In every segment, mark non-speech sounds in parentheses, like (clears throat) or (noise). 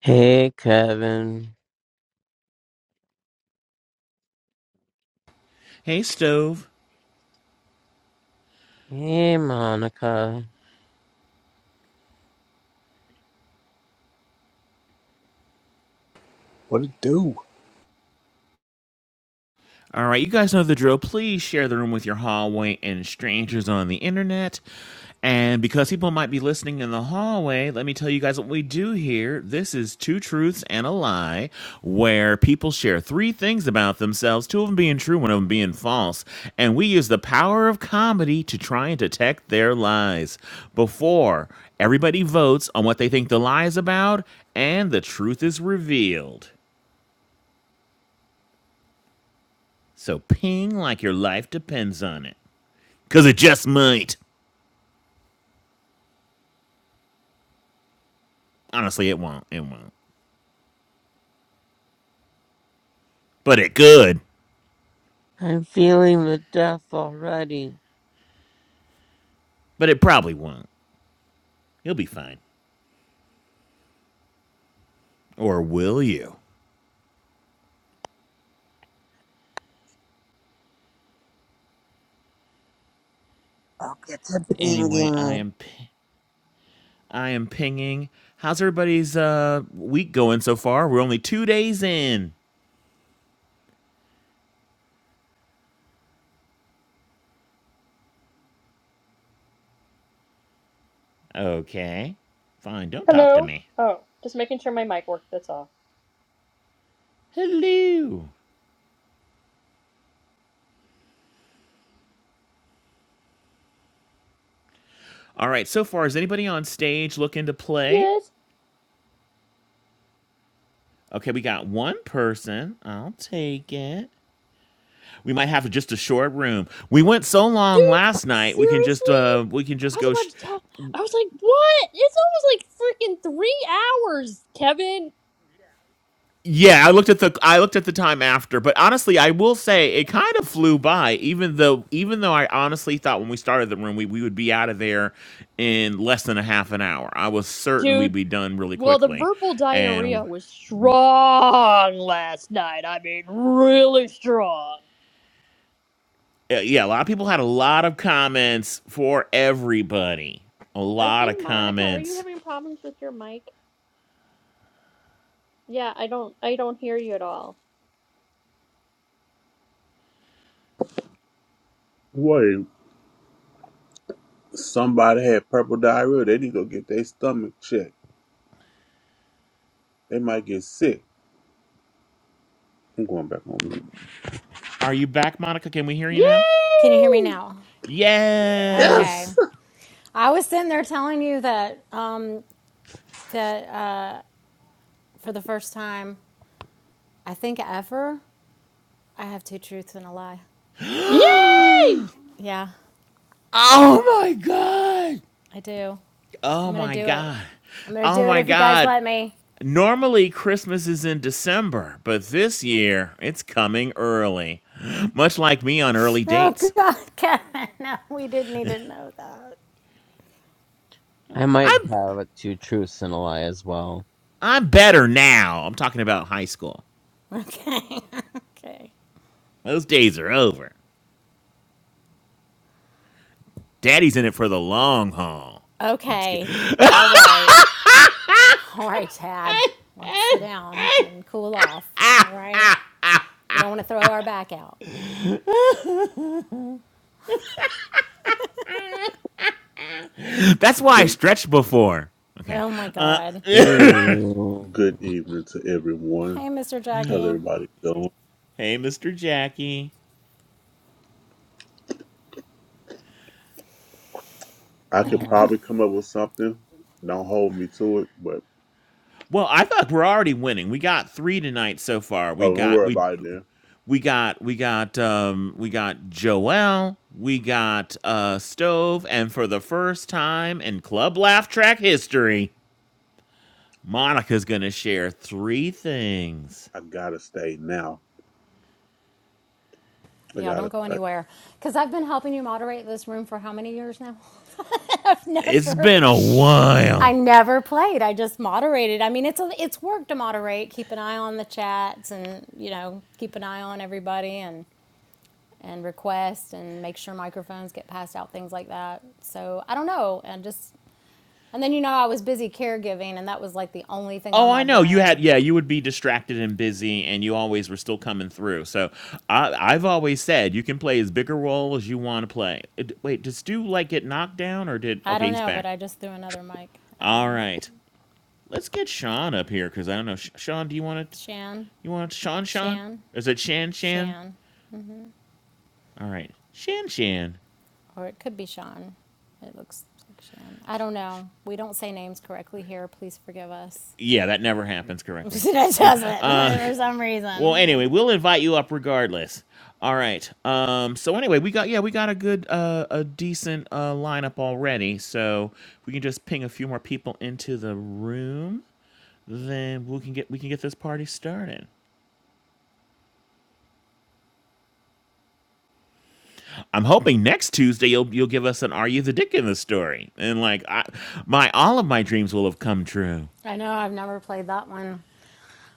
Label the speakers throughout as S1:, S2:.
S1: Hey, Kevin.
S2: Hey, Stove.
S1: Hey, Monica.
S3: What it do?
S2: All right, you guys know the drill. Please share the room with your hallway and strangers on the internet. And because people might be listening in the hallway, let me tell you guys what we do here. This is Two Truths and a Lie, where people share three things about themselves, two of them being true, one of them being false. And we use the power of comedy to try and detect their lies. Before everybody votes on what they think the lie is about, and the truth is revealed. So ping like your life depends on it. Cause it just might. Honestly, it won't. It won't. But it could.
S1: I'm feeling the death already.
S2: But it probably won't. You'll be fine. Or will you?
S1: I'll get to
S2: Anyway, I
S1: pinging.
S2: am pi- I am pinging. How's everybody's uh week going so far? We're only 2 days in. Okay. Fine, don't talk to
S4: Hello.
S2: me.
S4: Oh, just making sure my mic worked. That's all.
S2: Hello. All right, so far is anybody on stage looking to play?
S4: Yes.
S2: Okay, we got one person. I'll take it. We might have just a short room. We went so long last night.
S4: Seriously?
S2: We can just uh we can
S4: I
S2: just
S4: was
S2: go.
S4: about
S2: Sh-
S4: to tell. I was like, what? It's almost like freaking three hours, Kevin.
S2: yeah, I looked at the I looked at the time after, but honestly, I will say it kind of flew by. Even though even though I honestly thought when we started the room we we would be out of there in less than a half an hour. I was certain we'd
S4: Dude.
S2: be done really
S4: Well, the
S2: quickly,
S4: verbal
S2: and
S4: diarrhea was strong last night. I mean, really strong.
S2: uh, yeah, a lot of people had a lot of comments for everybody. A
S4: I
S2: lot of
S4: think Monica, are you
S2: comments.
S4: having problems with your mic? Yeah, I don't. I don't hear you at all.
S5: What? if Somebody had purple diarrhea. They need to go get their stomach checked. They might get sick. I'm going back on mute.
S2: Are you back, Monica? Can we hear you now?
S6: Can you hear me
S4: Yay!
S6: now? Okay.
S2: Yes.
S5: Yes.
S6: I was sitting there telling you that um, that uh, for the first time, I think ever, I have two truths and a lie.
S4: Yay!
S6: Yeah,
S2: Oh my god.
S6: I do. I'm
S2: Oh
S6: gonna
S2: my
S6: do it.
S2: god.
S6: I'm gonna
S2: Oh
S6: do it
S2: my
S6: if you guys
S2: god.
S6: let me.
S2: Normally Christmas is in December, but this year it's coming early. (gasps) Much like me on early
S6: Oh
S2: dates.
S6: God, (laughs) Kevin, no, we didn't need to know that.
S1: I might
S2: I'm
S1: have a two truths and a lie as well.
S2: I'm better now. I'm talking about high school.
S6: Okay, (laughs) okay,
S2: Those days are over. Daddy's in it for the long haul. No, I'm just kidding.
S6: okay.
S2: (laughs)
S6: All right, all right, Tad. Let's sit down and cool off. All right, we don't want to throw our back out.
S2: That's why I
S5: Good,
S2: stretched before. Okay.
S6: Oh my God.
S1: Ew.
S5: good evening to everyone.
S6: Hey, Mr.
S5: How's
S6: Jackie.
S5: everybody doing?
S2: Hey, Mr. Jackie.
S5: I
S2: All
S5: could
S2: right.
S5: probably come up with something. Don't hold me to it, but
S2: Well, I thought we're already winning. We got three tonight so far. We
S5: oh, don't
S2: got
S5: worry
S2: we
S5: about it. Then
S2: we got we got um we got Joel, we got uh Stove, and for the first time in Club Laugh Track history, Monica's gonna share three things.
S5: I gotta stay now. I
S6: Yeah,
S5: gotta
S6: don't go
S5: stay.
S6: anywhere. Because I've been helping you moderate this room for how many years now? (laughs) I've
S2: It's
S6: never,
S2: been a
S6: I
S2: while.
S6: never played. I just moderated. I mean, it's a, it's work to moderate. Keep an eye on the chats, and you know, keep an eye on everybody, and and request, and make sure microphones get passed out, things like that. So I don't know, and just and then you know, I was busy caregiving, and that was like the only thing
S2: Oh,
S6: on
S2: I
S6: my
S2: know. You had
S6: brain.
S2: yeah, you would be distracted and busy and you always were still coming through. So, I I've always said you can play as big a role as you want to play. Uh, d- Wait, does Stu like get knocked down or did
S6: I
S2: Okay,
S6: don't
S2: he's
S6: know, but
S2: back.
S6: I just threw another mic at
S2: All
S6: him.
S2: right. Let's get Sean up here cuz I don't know. Sh- Sean, do you want to
S6: Shan.
S2: you want Sean Sean?
S6: Shan,
S2: Is it Shan Shan?
S6: Shan,
S2: All right. Shan Shan.
S6: or it could be Sean. It looks like Shan. I don't know. We don't say names correctly here. Please forgive us.
S2: Yeah, that never happens
S6: (laughs) it
S2: correctly.
S6: doesn't
S2: Uh (laughs)
S6: for some
S2: Well,
S6: reason.
S2: anyway,
S6: Like
S2: we'll invite you up regardless. All right. Um. So anyway, we got yeah, we got a good uh a decent uh lineup already. So we can just ping a few more people into the room. Then we can get we can get this party started. I'm hoping next Tuesday you'll you'll give us an Are You the Dick in the story, and like I, my all of my dreams will have come true.
S6: I know I've never played that one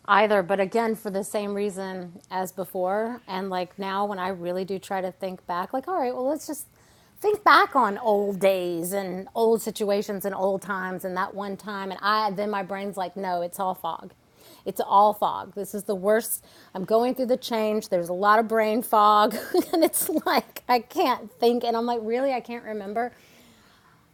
S6: either, but again, for the same reason as before. And like now, when I really do try to think back, like, all right, well, let's just think back on old days and old situations and old times and that one time. And I, then my brain's like, no, it's all fog. It's all fog. This is the worst. I'm going through the change. There's a lot of brain fog. (laughs) and it's like, I can't think. And I'm like, really? I can't remember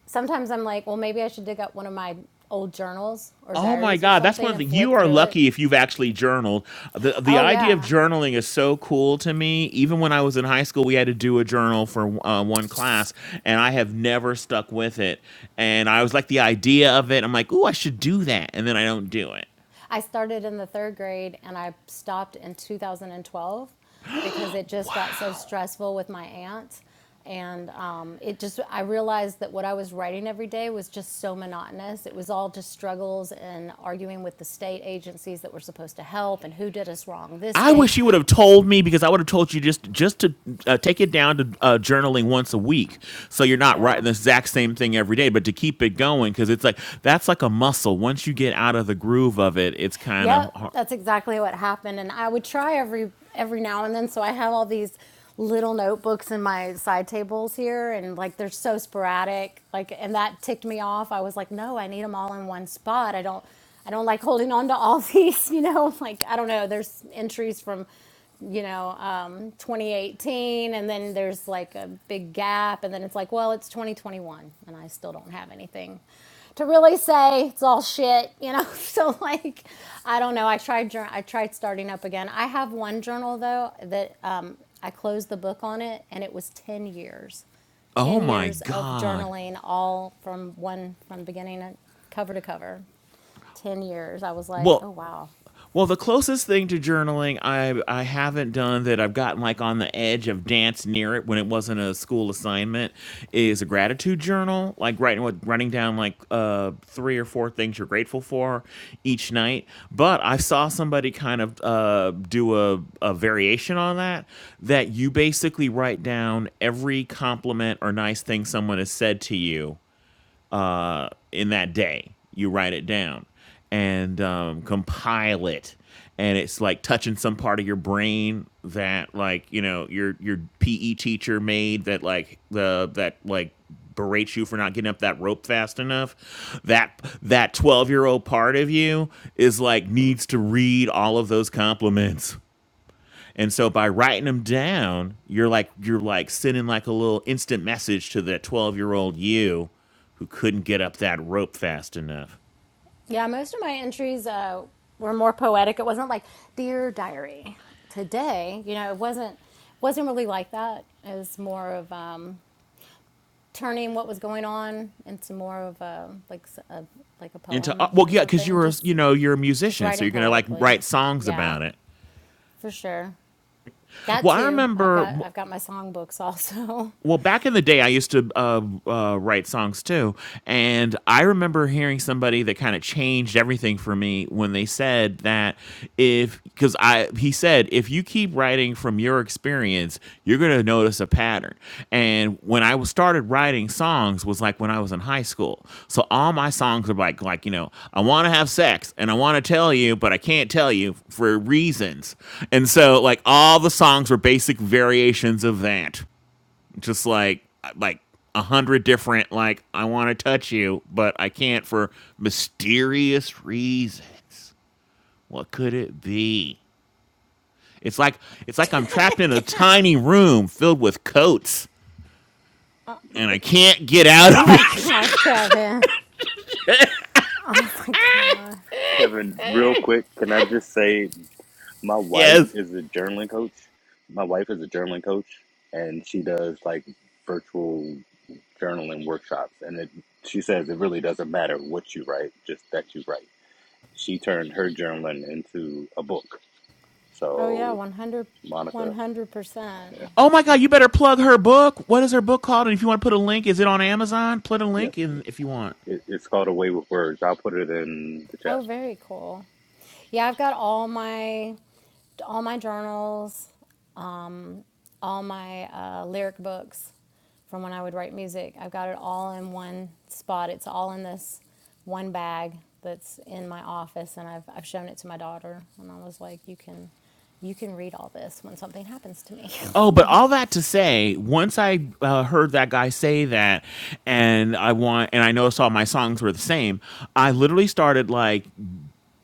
S6: sometimes I'm like, well, maybe I should dig up one of my old journals or
S2: Oh my
S6: diaries or
S2: God, that's one
S6: something
S2: of the.
S6: and
S2: You
S6: flip
S2: are
S6: through it.
S2: lucky if you've actually journaled. the The
S6: Oh,
S2: idea of
S6: yeah.
S2: journaling is so cool to me. Even when I was in high school, we had to do a journal for uh, one class, and I have never stuck with it. And I was like, the idea of it, I'm like, ooh, I should do that, and then I don't do it.
S6: I started in the third grade and I stopped in 2012 because it just got so stressful with my aunt. And um, it just, I realized that what I was writing every day was just so monotonous. It was all just struggles and arguing with the state agencies that were supposed to help and who did us wrong this
S2: I
S6: day.
S2: wish you would have told me because I would have told you just just to uh, take it down to uh, journaling once a week, so you're not writing
S6: Yeah.
S2: the exact same thing every day, but to keep it going because it's like that's like a muscle. Once you get out of the groove of it, it's kind
S6: Yep,
S2: of hard.
S6: that's exactly what happened. And I would try every every now and then. So I have all these little notebooks in my side tables here, and like they're so sporadic. Like, and that ticked me off. I was like, no, I need them all in one spot. I don't. I don't like holding on to all (laughs) these, you know, like I don't know, there's entries from you know, um, 2018, and then there's like a big gap, and then it's like, well, it's 2021, and I still don't have anything to really say. It's all shit, you know. (laughs) so like, I don't know. I tried, jour- I tried starting up again. I have one journal though that um, I closed the book on it, and it was 10 years,
S2: Oh
S6: 10
S2: my
S6: years of
S2: god.
S6: journaling, all from one from beginning cover to cover. 10 years. I was like,
S2: Well,
S6: oh wow,
S2: well, the closest thing to journaling I I haven't done that I've gotten like on the edge of dance near it when it wasn't a school assignment is a gratitude journal, like writing what running down like uh three or four things you're grateful for each night. But I saw somebody kind of uh do a a variation on that that you basically write down every compliment or nice thing someone has said to you uh, in that day. You write it down and um, compile it, and it's like touching some part of your brain that like you know your your PE teacher made that like the that like berates you for not getting up that rope fast enough that that 12 year old part of you is like needs to read all of those compliments and so by writing them down, you're like you're like sending like a little instant message to that 12-year-old you who couldn't get up that rope fast enough.
S6: Yeah, most of my entries uh, were more poetic. It wasn't like dear diary today. You know, it wasn't wasn't really like that. It was more of um, turning what was going on into more of a, like a like a
S2: Into uh,
S6: poem
S2: well
S6: or
S2: yeah, cuz you
S6: something.
S2: were you
S6: Just
S2: know, you're a
S6: just
S2: musician, so
S6: writing
S2: you're going to like
S6: poetically.
S2: write songs
S6: Yeah,
S2: about it.
S6: for sure. That
S2: Well, I
S6: too. I've got
S2: remember
S6: I've got my songbooks also. (laughs)
S2: well back in the day i used to uh, uh, write songs too and i remember hearing somebody that kind of changed everything for me when they said that if because i he said if you keep writing from your experience you're going to notice a pattern and when i was- started writing songs was like when i was in high school so all my songs are like like you know i want to have sex and i want to tell you but i can't tell you for reasons and so like all the songs were basic variations of that just like like a hundred different like I want to touch you, but I can't for mysterious reasons. What could it be? It's like it's like I'm trapped in a tiny room filled with coats and I can't get out
S6: Oh
S2: of it.
S6: my god, Kevin. Oh my god.
S7: Kevin, real quick, can I just say my
S2: (laughs)
S7: wife
S2: yes.
S7: is a journaling coach? My wife is a journaling coach, and she does like virtual journaling workshops. And it, she says it really doesn't matter what you write, just that you write. She turned her journaling into a book.
S6: Oh yeah,
S7: So,
S6: one hundred, one
S7: Monica,
S6: hundred
S7: yeah,
S6: percent
S2: Oh my god, you better plug her book. What is her book called? And if you want to put a link, is it on Amazon? Put a
S7: yeah,
S2: link in if you want.
S7: it, it's called Away with Words. I'll put it in the chat.
S6: Oh, very cool. Yeah, I've got all my all my journals, um, all my uh, lyric books from when I would write music. I've got it all in one spot. It's all in this one bag that's in my office, and I've I've shown it to my daughter, and I was like, "You can, you can read all this when something happens to me."
S2: Oh,
S6: (laughs)
S2: but all
S6: like,
S2: that to say, once I uh, heard that guy say that, and I want, and I noticed all my songs were the same, I literally started like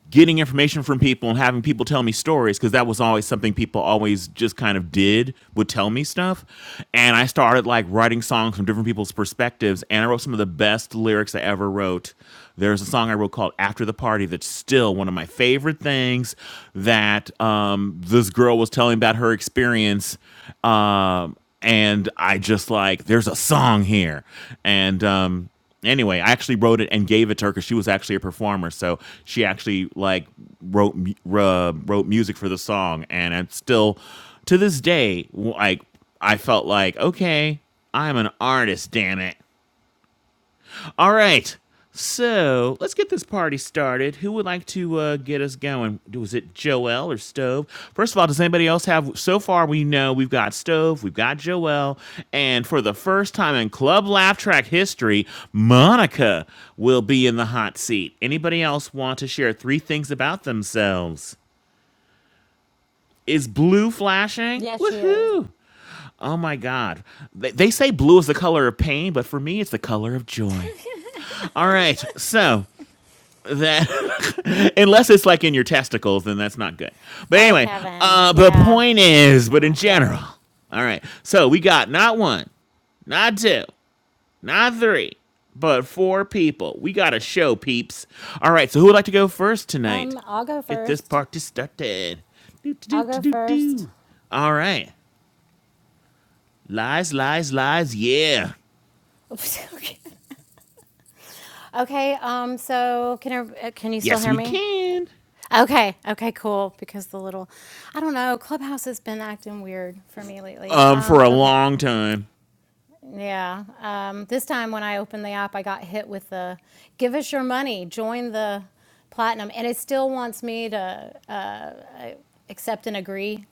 S2: getting information from people and having people tell me stories because that was always something people always just kind of did would tell me stuff and i started like writing songs from different people's perspectives and i wrote some of the best lyrics i ever wrote there's a song i wrote called after the party that's still one of my favorite things that um, this girl was telling about her experience um, and i just like there's a song here and um, Anyway, I actually wrote it and gave it to her because she was actually a performer, so she actually like wrote uh, wrote music for the song, and I'm still to this day like I felt like okay, I'm an artist, damn it. All right. So let's get this party started. Who would like to uh, get us going? Was it Joel or Stove? First of all, does anybody else have? So far, we know we've got Stove, we've got Joel, and for the first time in Club Laugh Track history, Monica will be in the hot seat. Anybody else want to share three things about themselves? Is blue flashing?
S6: Yeah, she is.
S2: Woohoo! Oh my God. they say blue is the color of pain, but for me, it's the color of joy. All right, so that (laughs) unless it's like in your testicles, then that's not good. But
S6: oh,
S2: anyway,
S6: Kevin,
S2: uh, the
S6: yeah,
S2: point
S6: that's
S2: is, but in
S6: not
S2: general,
S6: right.
S2: all right. So we got not one, not two, not three, but four people. We got a show, peeps. All right. So who would like to go first tonight?
S6: Um, I'll go
S2: Get this
S6: first.
S2: party started. Do do do
S6: I'll go
S2: do do
S6: first.
S2: do. All right. Lies, lies, lies. Yeah.
S6: (laughs) Oops, okay. Okay. Um. So can I, uh, can you still
S2: Yes,
S6: hear
S2: we
S6: me?
S2: can.
S6: Okay. Okay. Cool. Because the little, I don't know. Clubhouse has been acting weird for me lately.
S2: Um, for
S6: Um.
S2: a
S6: Okay.
S2: long time.
S6: Yeah. Um. This time when I opened the app, I got hit with the, give us your money, join the platinum, and it still wants me to accept and agree.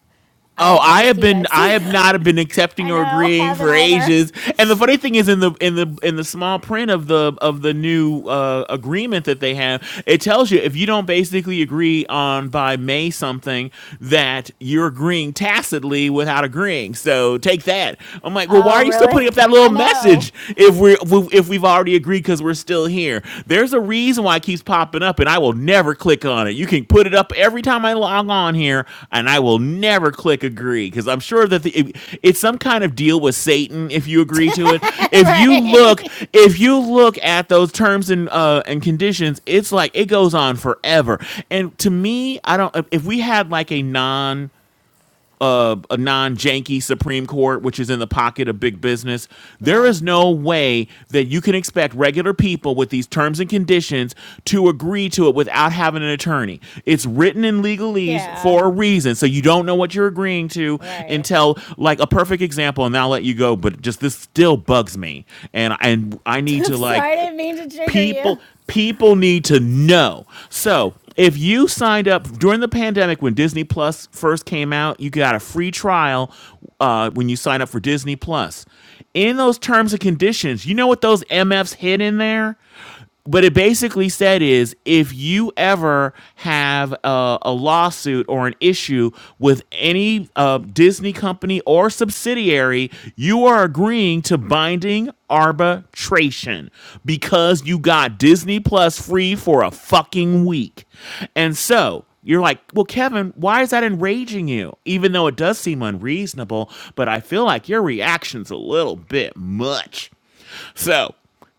S2: Oh,
S6: I I
S2: I
S6: just
S2: have
S6: keep
S2: been I
S6: Xing
S2: have not
S6: out.
S2: been
S6: (laughs)
S2: accepting
S6: I
S2: or
S6: know.
S2: agreeing
S6: Haven't
S2: for
S6: I learned?
S2: ages. And the funny thing is in the in the in the small print of the of the new uh agreement that they have, it tells you if you don't basically agree on by May something that you're agreeing tacitly without agreeing. So take that. I'm like, "Well, why
S6: Oh,
S2: are you still
S6: really?
S2: putting up that little
S6: I know.
S2: message if we are if we've already agreed cuz we're were still here. There's a reason why it keeps popping up, and I will never click on it. You can put it up every time I log on here, and I will never click agree because I'm sure that the, it- it's some kind of deal with Satan if you agree to it.
S6: (laughs)
S2: If you look,
S6: right.
S2: if you look at those terms and uh, and conditions, it's like it goes on forever. And to me, I don't. If we had like a non a, a non-janky Supreme Court, which is in the pocket of big business. There
S6: Yeah.
S2: is no way that you can expect regular people with these terms and conditions to agree to it without having an attorney. It's written in legalese
S6: Yeah.
S2: for a reason, so you don't know what you're agreeing to
S6: Right.
S2: until, like, a perfect example. And I'll let you go, but just this still bugs me, and and I
S6: (laughs)
S2: need
S6: I'm
S2: to
S6: sorry, I
S2: like
S6: didn't mean to trigger
S2: people
S6: you.
S2: people need to know so if you signed up during the pandemic when disney plus first came out you got a free trial uh, when you sign up for disney plus in those terms and conditions you know what those mfs hid in there but it basically said is if you ever have a, a lawsuit or an issue with any uh, Disney company or subsidiary, you are agreeing to binding arbitration because you got Disney Plus free for a fucking week. And so you're like, well, Kevin, why is that enraging you? Even though it does seem unreasonable, but I feel like your reaction's a little bit much. So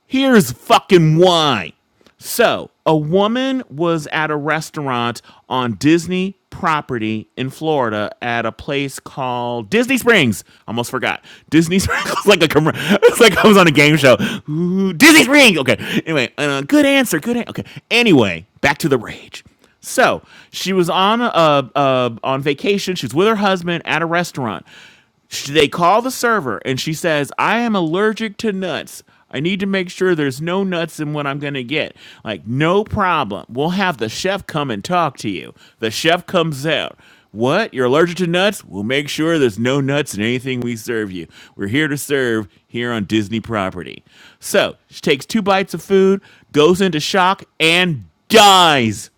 S2: here's fucking why. So a woman was at a restaurant on Disney property in Florida at a place called Disney Springs. Almost forgot. Disney Springs (laughs) It's like a commer- it's like I was on a game show. Ooh, Disney Springs. Okay. Anyway, uh, good answer. Good. An- okay. Anyway, back to the rage. So she was on a, a, a on vacation. She was with her husband at a restaurant. Sh- They call the server and she says, I am allergic to nuts. I need to make sure there's no nuts in what I'm going to get. Like, no problem. We'll have the chef come and talk to you. The chef comes out. What? You're allergic to nuts? We'll make sure there's no nuts in anything we serve you. We're here to serve here on Disney property. So she takes two bites of food, goes into shock, and dies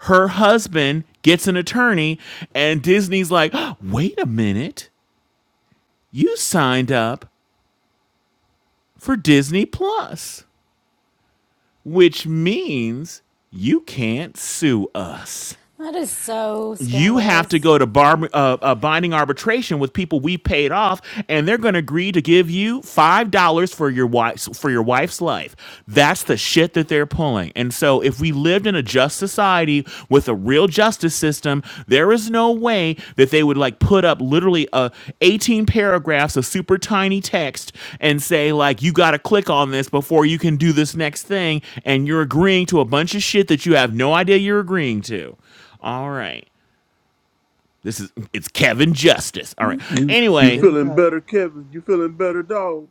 S2: her husband gets an attorney and disney's like wait a minute you signed up for Disney Plus, which means you can't sue us.
S6: That is so
S2: you have to
S6: scandalous.
S2: go to bar, uh, uh, binding arbitration with people we paid off, and they're going to agree to give you five dollars for your wife's for your wife's life. That's the shit that they're pulling. And so, if we lived in a just society with a real justice system, there is no way that they would like put up literally uh, 18 paragraphs of super tiny text and say like you got to click on this before you can do this next thing, and you're agreeing to a bunch of shit that you have no idea you're agreeing to. All right. This is it's Kevin Justice. All right.
S5: You you
S2: Anyway,
S3: Didn't
S5: feeling
S3: that?
S5: better, Kevin? You feeling better, dog?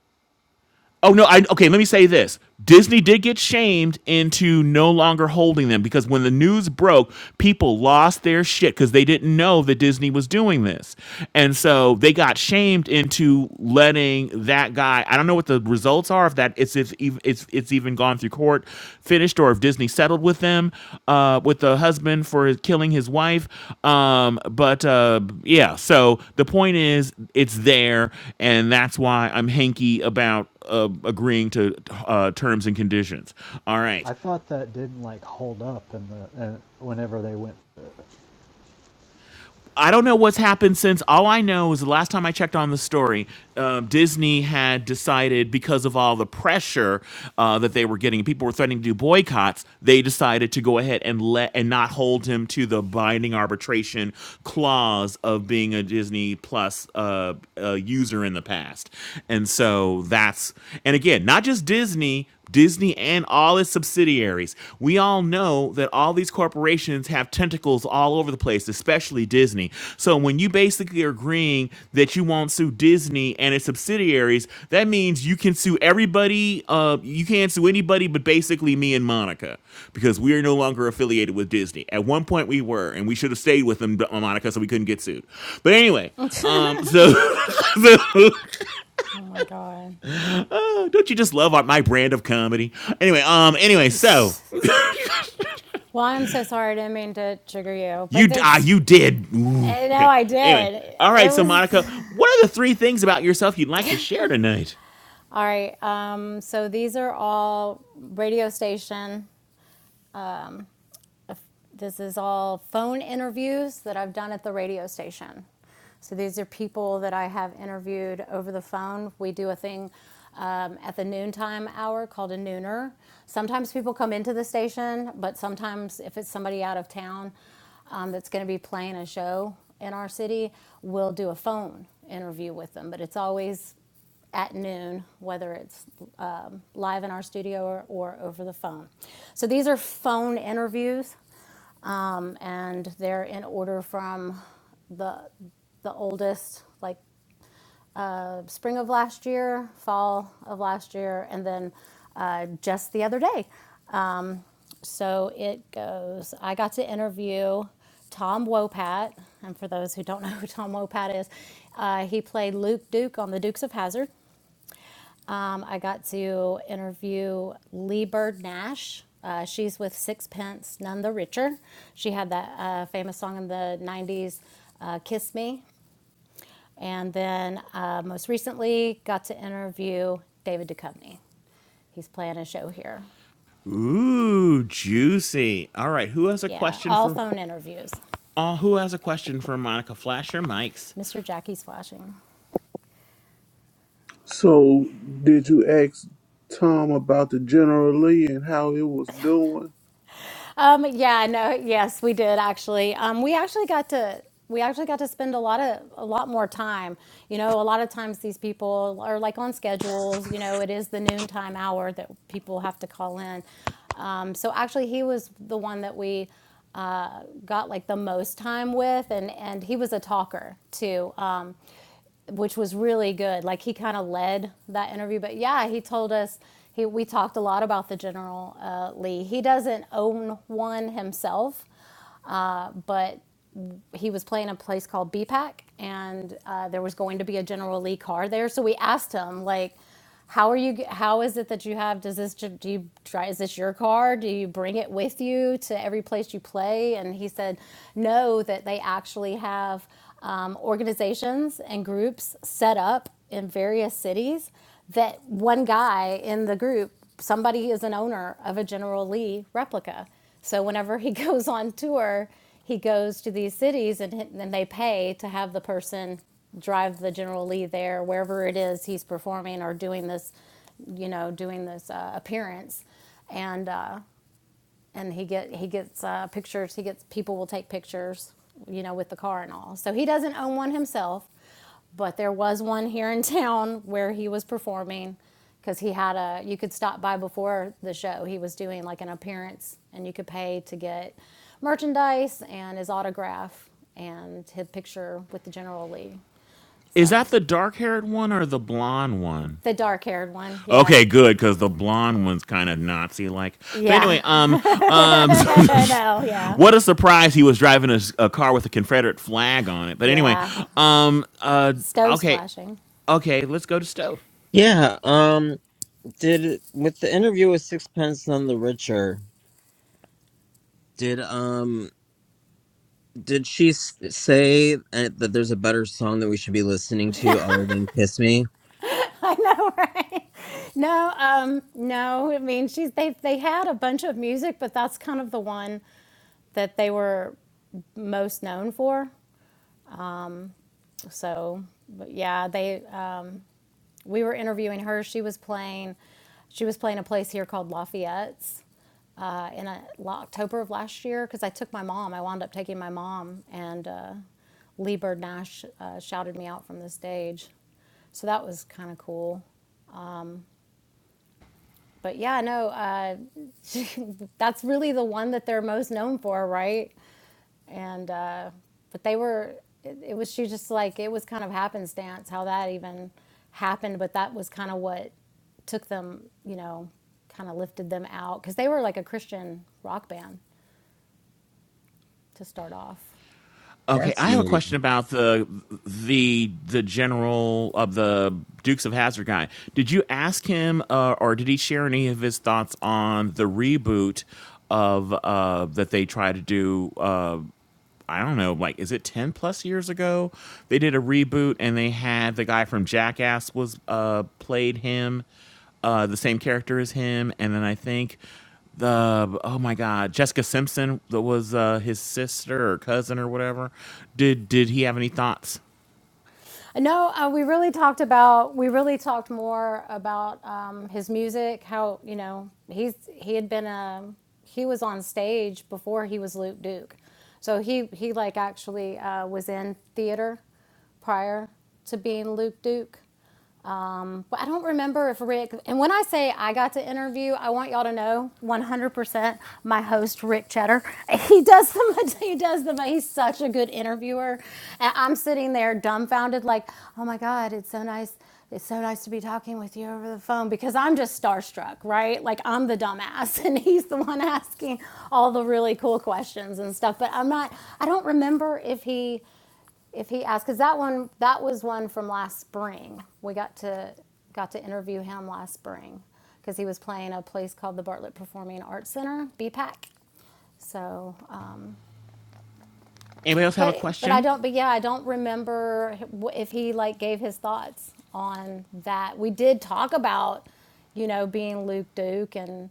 S2: Oh no, I okay, let me say this. Disney did get shamed into no longer holding them because when the news broke, people lost their shit because they didn't know that Disney was doing this. And so they got shamed into letting that guy. I don't know what the results are if that it's if ev- it's it's even gone through court finished or if Disney settled with them uh with the husband for his- killing his wife. Um but uh yeah, so the point is it's there and that's why I'm hanky about uh, agreeing to uh, terms and conditions. All right.
S3: I thought that didn't like hold up in the uh, whenever they went.
S2: I don't know what's happened since. All I know is the last time I checked on the story, um, Disney had decided because of all the pressure uh, that they were getting, people were threatening to do boycotts. They decided to go ahead and let and not hold him to the binding arbitration clause of being a Disney Plus uh, uh, user in the past. And so that's and again, not just Disney, Disney and all subsidiaries. We all know that all these corporations have tentacles all over the place, especially Disney. So when you basically are agreeing that you won't sue Disney and its subsidiaries, that means you can sue everybody. Uh, you can't sue anybody but basically me and Monica because we are no longer affiliated with Disney. At one point we were, and we should have stayed with them, uh, Monica, so we couldn't get sued. But anyway, um, so, (laughs) so
S6: Oh my God.
S2: (laughs) don't you just love my brand of comedy? Anyway, um, anyway,
S6: (sighs)
S2: so.
S6: Well, I'm so sorry I didn't mean to trigger you,
S2: You
S6: but
S2: d- ah,
S6: that's,
S2: you did. Ooh.
S6: eh, no,
S2: Okay.
S6: I
S2: Anyway,
S6: did.
S2: all
S6: It
S2: right. So
S6: was,
S2: Monica, what are the three things about yourself you'd like to share tonight?
S6: all right. Um, so these are all radio station This is all phone interviews that I've done at the radio station. So these are people that I have interviewed over the phone. We do a thing um, at the noontime hour called a nooner. Sometimes people come into the station, but sometimes if it's somebody out of town um, that's going to be playing a show in our city, we'll do a phone interview with them. But it's always at noon, whether it's um, live in our studio or, or over the phone. So these are phone interviews, um, and they're in order from the the oldest, like uh, spring of last year, fall of last year, and then uh, just the other day. Um, so it goes. I got to interview Tom Wopat, and for those who don't (laughs) know who Tom Wopat is, uh, he played Luke Duke on The Dukes of Hazzard. Um, I got to interview Lee Bird Nash. Uh, she's with Sixpence, None the Richer. She had that uh, famous song in the 90s, uh, Kiss Me. And then uh, most recently, got to interview David Duchovny. He's playing a show here.
S2: Ooh, juicy. All right. Who has a
S6: Yeah,
S2: question
S6: all
S2: for?
S6: phone interviews.
S2: Oh, who has a question for Monica? Flash your mics.
S6: Mr. Jackie's flashing.
S5: So did you ask Tom about the General Lee and how he was doing?
S6: Um, yeah, no, yes, we did actually. Um, we actually got to we actually got to spend a lot of a lot more time. You know, a lot of times these people are like on schedules. You know, it is the noontime hour that people have to call in. Um, so actually, he was the one that we uh, got like the most time with, and and he was a talker too. Um, which was really good. Like he kind of led that interview, but yeah, he told us he we talked a lot about the General uh, Lee. He doesn't own one himself, uh, but he was playing a place called BPAC, and uh, there was going to be a General Lee car there. So we asked him, like, how are you? How is it that you have? Does this do you try? Is this your car? Do you bring it with you to every place you play? And he said, no, that they actually have um, organizations and groups set up in various cities that one guy in the group somebody is an owner of a General Lee replica. So whenever he (laughs) goes on tour, he goes to these cities and then they pay to have the person drive the General Lee there, wherever it is he's performing or doing this, you know, doing this uh, appearance. And uh, and he get he gets uh, pictures. He gets people will take pictures, you know, with the car and all. So he doesn't own one himself, but there was one here in (laughs) town where he was performing because he had a. You could stop by before the show. He was doing like an appearance, and you could pay to get merchandise and his autograph and his picture with the General Lee.
S2: Is
S6: So
S2: that the dark-haired one or the blonde one?
S6: the dark-haired one, yeah,
S2: Okay, good, because the blonde one's kind of Nazi-like. But anyway,
S6: yeah,
S2: um, um,
S6: (laughs) I know,
S2: (laughs)
S6: yeah,
S2: what a surprise! He was driving a, s- a car with a Confederate flag on it. But anyway,
S6: yeah.
S2: um, uh,
S6: Stove's
S2: okay.
S6: flashing.
S2: Okay, let's go to Stove.
S1: Yeah, um, did, with the interview with Sixpence None the Richer, did, um, did she s- say uh, that there's a better song that we should be listening to other than Kiss Me?
S6: No, um, no. I mean, she's they they had a bunch of music, but that's kind of the one that they were most known for. Um, so, but yeah, they um, we were interviewing her. She was playing, she was playing a place here called Lafayette's uh, in a, October of last year because I took my mom. I wound up taking my mom, and uh, Lee Bird Nash uh, shouted me out from the stage. So that was kind of cool. But yeah, no, uh, (laughs) that's really the one that they're most known for, right? And uh, but they were, it, it was she just like it was kind of happenstance how that even happened, but that was kind of what took them, you know, kind of lifted them out because they were like a Christian rock band to start off.
S2: Okay, I have a question
S1: Fascinating.
S2: about the the the general of the Dukes of Hazzard guy. Did you ask him, uh, or did he share any of his thoughts on the reboot of uh, that they try to do? Uh, I don't know, like is it ten plus years ago? They did a reboot and they had the guy from Jackass was uh played him, uh the same character as him, and then I think the oh my god, Jessica Simpson that was uh his sister or cousin or whatever. Did did he have any thoughts?
S6: No, uh, we really talked about we really talked more about um, his music. How you know he's he had been a he was on stage before he was Luke Duke, so he he like actually uh, was in theater prior to being Luke Duke. Um, but I don't remember if Rick, and when I say I got to interview, I want y'all to know 100% my host, Rick Cheddar. (laughs) He does the, (laughs) he does the, he's such a good interviewer. And I'm sitting there dumbfounded, like, oh my God, it's so nice. It's so nice to be talking with you over the phone because I'm just starstruck, right? Like I'm the dumbass (laughs) and he's the one asking all the really cool questions and stuff. But I'm not, I don't remember if he, if he asks, because that one, that was one from last spring. We got to got to interview him last spring because he was playing a place called the Bartlett Performing Arts Center, BPAC. So
S2: Anybody else have a
S6: but but I
S2: question?
S6: don't. But yeah, I don't remember if he like gave his thoughts on that. We did talk about, you know, being Luke Duke and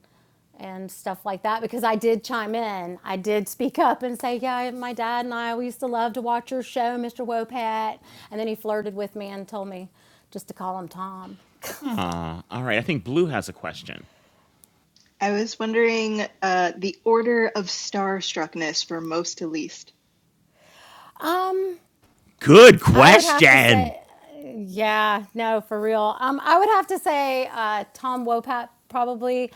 S6: and stuff like that because I did chime in. I did speak up and say, yeah, my dad and I we used to love to watch your show, Mr. Wopat. And then he flirted with me and told me just to call him Tom.
S2: Aw, all right. I think Blue has a question.
S8: I was wondering uh, the order of starstruckness from most to least.
S6: (laughs) um,
S2: Good
S6: I would have to
S2: question.
S6: say. Yeah, no, for real. Um, I would have to say uh, Tom Wopat probably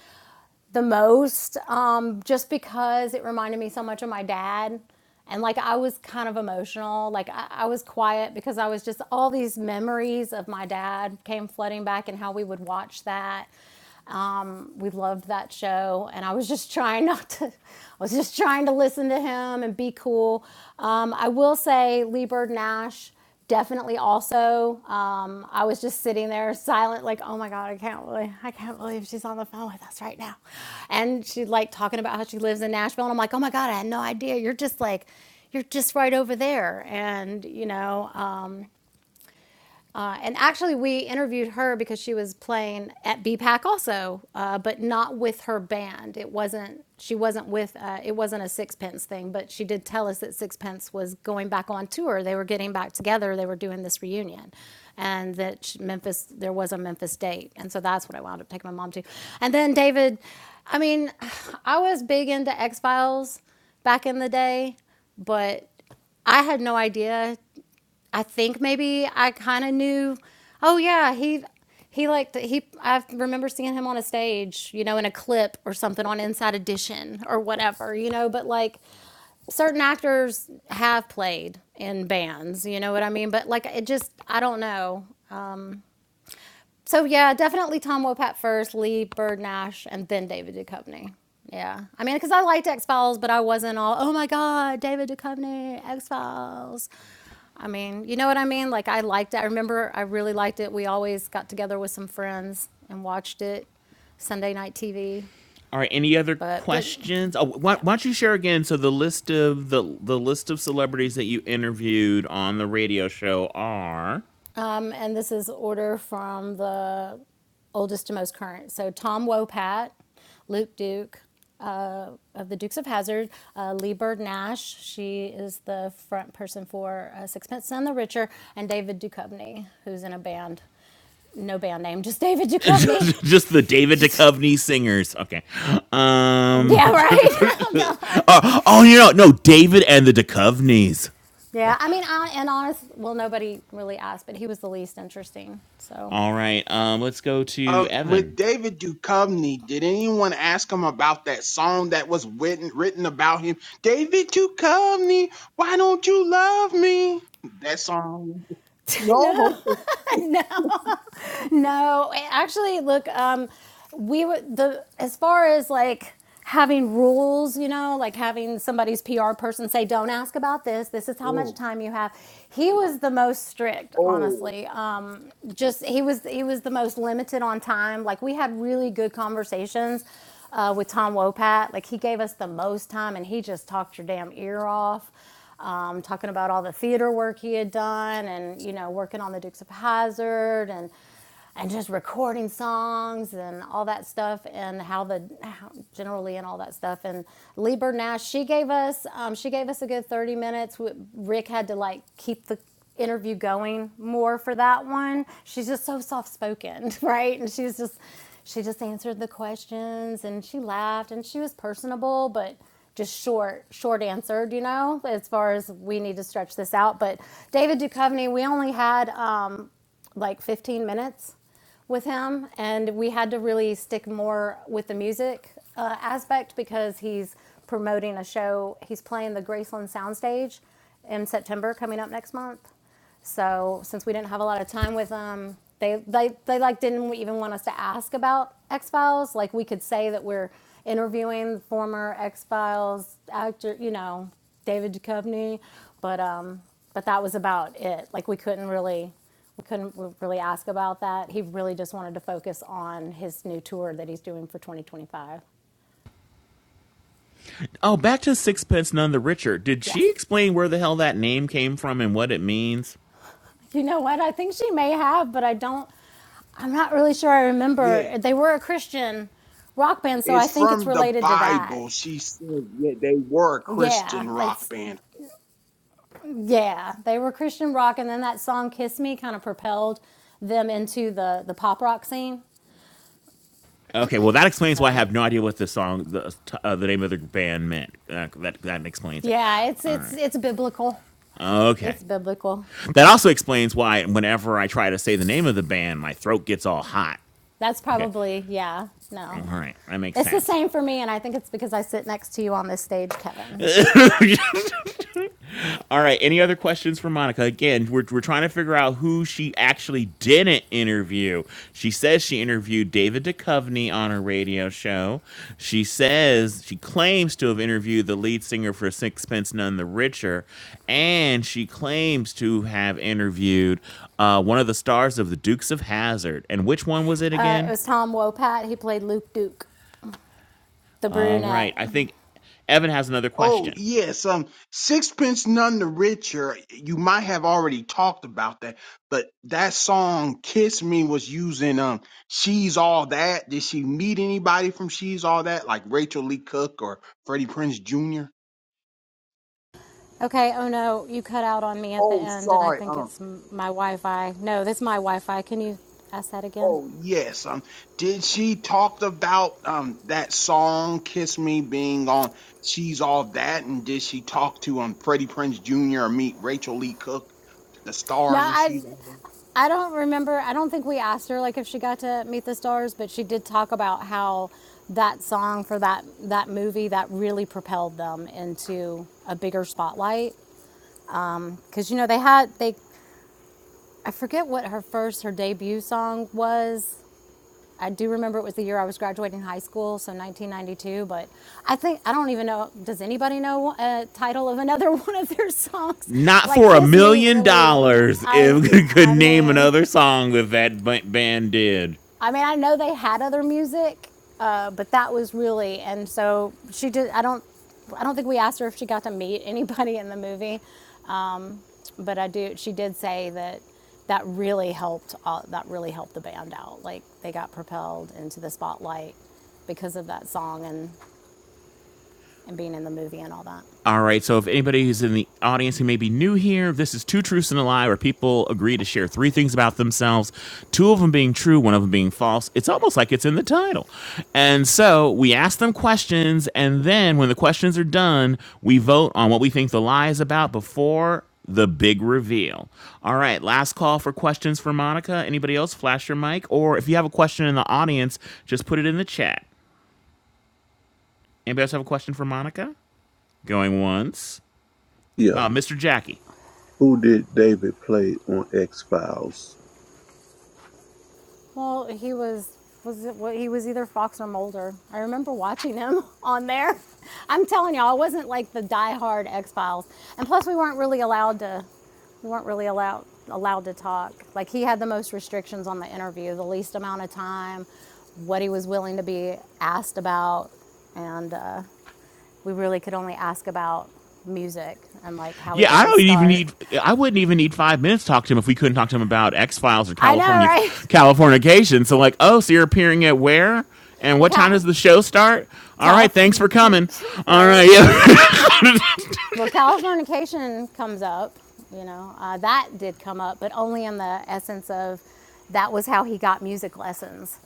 S6: the most, um, just because it reminded me so much of my dad. And like I was kind of emotional. Like I, I was quiet because I was just all these memories of my dad came flooding back and how we would watch that. Um, we loved that show, and I was just trying not to. I was just trying to listen to him and be cool. Um, I will say, Lee Bird Nash definitely also. Um, I was just sitting there silent, like, oh my god, I can't believe, I can't believe she's on the phone with us right now, and she like talking about how she lives in Nashville, and I'm like, oh my god, I had no idea. You're just like, you're just right over there, and you know. Um, uh, and actually, we interviewed her because she was playing at B. BPAC also, uh, but not with her band. It wasn't she wasn't with uh, it wasn't a Sixpence thing, but she did tell us that Sixpence was going back on tour. They were getting back together. They were doing this reunion, and that Memphis there was a Memphis date, and so that's what I wound up taking my mom to. And then David, I mean, (sighs) I was big into X Files back in the day, but I had no idea I think maybe I kind of knew. Oh yeah, he he liked he. I remember seeing him on a stage, you know, in a clip or something on Inside Edition or whatever, you know. But like certain actors have played in bands, you know what I mean. But like it just, I don't know. So yeah, definitely Tom Wopat first, Lee Bird Nash, and then David Duchovny. Yeah, I mean, because I liked X Files, but I wasn't all, oh my God, David Duchovny, X Files. I mean, you know what I mean? Like I liked it. I remember I really liked it. We always got together with some friends and watched it Sunday night TV.
S2: All right. Any other
S6: But but
S2: questions? Oh, why,
S6: yeah,
S2: why don't you share again? So the list of the the list of celebrities that you interviewed on the radio show are
S6: Um, and this is order from the oldest to most current. So Tom Wopat, Luke Duke uh, of the Dukes of Hazzard, uh, Lee Bird Nash. She is the front person for uh, Sixpence None the Richer, and David Duchovny, who's in a band. No band name, just David Duchovny. (laughs)
S2: (laughs) just the David
S6: Just,
S2: Duchovny singers. Okay. Um.
S6: yeah, right. (laughs) oh
S2: (laughs)
S6: God.
S2: oh, oh, you know, no, David and the Duchovnys. Okay.
S6: Yeah, I mean, I, and honest, well, nobody really asked, but he was the least interesting. So,
S2: All right. Um. Let's go to
S9: Um, with
S2: Evan.
S9: David Duchovny, did anyone ask him about that song that was written written about him? David Duchovny, why don't you love me? That song.
S6: (laughs)
S9: No.
S6: no.
S9: Hope-
S6: No, actually, look, um, we were the as far as like having rules, you know, like having somebody's PR person say, "Don't ask about this. This is how much
S9: Oh,
S6: time you have." He was the most strict,
S9: oh,
S6: honestly. Um, just he was he was the most limited on time. Like we had really good conversations. Uh, with Tom Wopat, like he gave us the most time, and he just talked your damn ear off um, talking about all the theater work he had done and you know working on the dukes of hazard and and just recording songs and all that stuff and how the how, generally and all that stuff and Lieber Nash she gave us um, she gave us a good 30 minutes Rick had to like keep the interview going more for that one she's just so soft spoken (laughs) right and she's just she just answered the questions and she laughed and she was personable but just short, short answered, you know, as far as we need to stretch this out. But David Duchovny, we only had um, like 15 minutes with him, and we had to really stick more with the music uh, aspect because he's promoting a show. He's playing the Graceland Soundstage in September coming up next month. So since we didn't have a lot of time with them, they they, they like didn't even want us to ask about X Files. Like we could say that we're interviewing former X Files actor, you know, David Duchovny, but um, but that was about it. Like we couldn't really we couldn't really ask about that. He really just wanted to focus on his new tour that he's doing for 2025.
S2: Oh, back to Sixpence None the Richer. Did she
S6: Yes.
S2: explain where the hell that name came from and what it means?
S6: You know what? I think she may have, but I don't. I'm not really sure. I remember
S9: yeah.
S6: they were a Christian rock band, so I
S9: It's
S6: think it's
S9: from the
S6: related to that.
S9: Bible. She said, yeah, they were a
S6: Yeah,
S9: Christian rock
S6: it's
S9: band.
S6: yeah. They were Christian rock, and then that song "Kiss Me" kind of propelled them into the the pop rock scene.
S2: Okay, well that explains why I
S6: So
S2: have no idea what the song, the uh, the name of the band meant. Uh, that that explains it.
S6: yeah, it's
S2: All
S6: it's
S2: right.
S6: it's biblical.
S2: Okay.
S6: It's biblical.
S2: That also explains why whenever I try to say the name of the band, my throat gets all hot.
S6: That's
S2: Okay.
S6: probably yeah.
S2: All
S6: No,
S2: right. That makes
S6: it's the
S2: sense.
S6: same for me, and I think it's because I sit next to you on this stage, Kevin.
S2: (laughs) All right. Any other questions for Monica? Again, we're, we're trying to figure out who she actually didn't interview. She says she interviewed David Duchovny on her radio show. She says she claims to have interviewed the lead singer for Sixpence None the Richer, and she claims to have interviewed uh, one of the stars of the Dukes of Hazzard. And which one was it
S6: Uh, it
S2: again?
S6: was Tom Wopat. He played Luke Duke. The
S2: All right.
S6: brunette.
S2: I think Evan has another
S9: Oh,
S2: question.
S9: yes. Um, Sixpence None the Richer, you might have already talked about that, but that song Kiss Me was using um She's All That. Did she meet anybody from She's All That? Like Rachel Lee Cook or Freddie Prince Jr.?
S6: Okay, oh no, you cut out on me at the
S9: Oh,
S6: end, and I
S9: sorry.
S6: think
S9: Um,
S6: it's my Wi Fi. No, that's my Wi Fi. Can you ask that again?
S9: oh yes. Um, did she talk about um that song Kiss Me being on She's All That? And did she talk to um Freddie Prince Jr. or meet Rachel Lee Cook, the
S6: No,
S9: stars and
S6: I.
S9: She's All That?
S6: I don't remember. I don't think we asked her like if she got to meet the stars, but she did talk about how that song for that that movie that really propelled them into a bigger spotlight. Because um, you know they had they, I forget what her first her debut song was, I do remember it was the year I was graduating high school, so 1992. But I think I don't even know. Does anybody know a title of another (laughs) one of their songs?
S2: not
S6: Like
S2: for a
S6: "Kiss Me,"
S2: million
S6: really?
S2: dollars
S6: I
S2: if (laughs) could
S6: I
S2: name
S6: mean.
S2: another song that that band did.
S6: I mean, I know they had other music, uh, but that was really and so she did. I don't, I don't think we asked her if she got to meet anybody in the movie, um, but I do. She did say that that really helped. All, that really helped the band out. Like they got propelled into the spotlight because of that song and and being in the movie and all that.
S2: All right. So, if anybody who's in the audience who may be new here, this is two truths and a lie, where people agree to share three things about themselves, two of them being true, one of them being false. It's almost like it's in the title. And so, we ask them questions, and then when the questions are done, we vote on what we think the lie is about before the big reveal. All right, last call for questions for Monica. Anybody else flash your mic or if you have a question in the audience, just put it in the chat. Anybody else have a question for Monica? Going once.
S5: Yeah.
S2: Uh, Mr. Jackie.
S5: Who did David play on X Files?
S6: Well, he was was it what he was either Fox or Mulder. I remember watching him (laughs) on there. I'm telling y'all, I wasn't like the diehard X Files, and plus we weren't really allowed to we weren't really allowed allowed to talk. Like he had the most restrictions on the interview, the least amount of time, what he was willing to be asked about, and uh, we really could only ask about music and like how he
S2: Yeah,
S6: got
S2: I
S6: his
S2: don't even
S6: start.
S2: need. I wouldn't even need five minutes to talk to him if we couldn't talk to him about X Files or
S6: I know,
S2: California
S6: right? (laughs)
S2: Californication. So like, oh, so you're appearing at where? And
S6: Well,
S2: what time
S6: Cal,
S2: does the show start? All right,
S6: Calif,
S2: thanks for coming.
S6: (laughs)
S2: All right,
S6: right?
S2: yeah. (laughs)
S6: Well, Californication comes up, you know, uh, that did come up, but only in the essence of that was how he got music lessons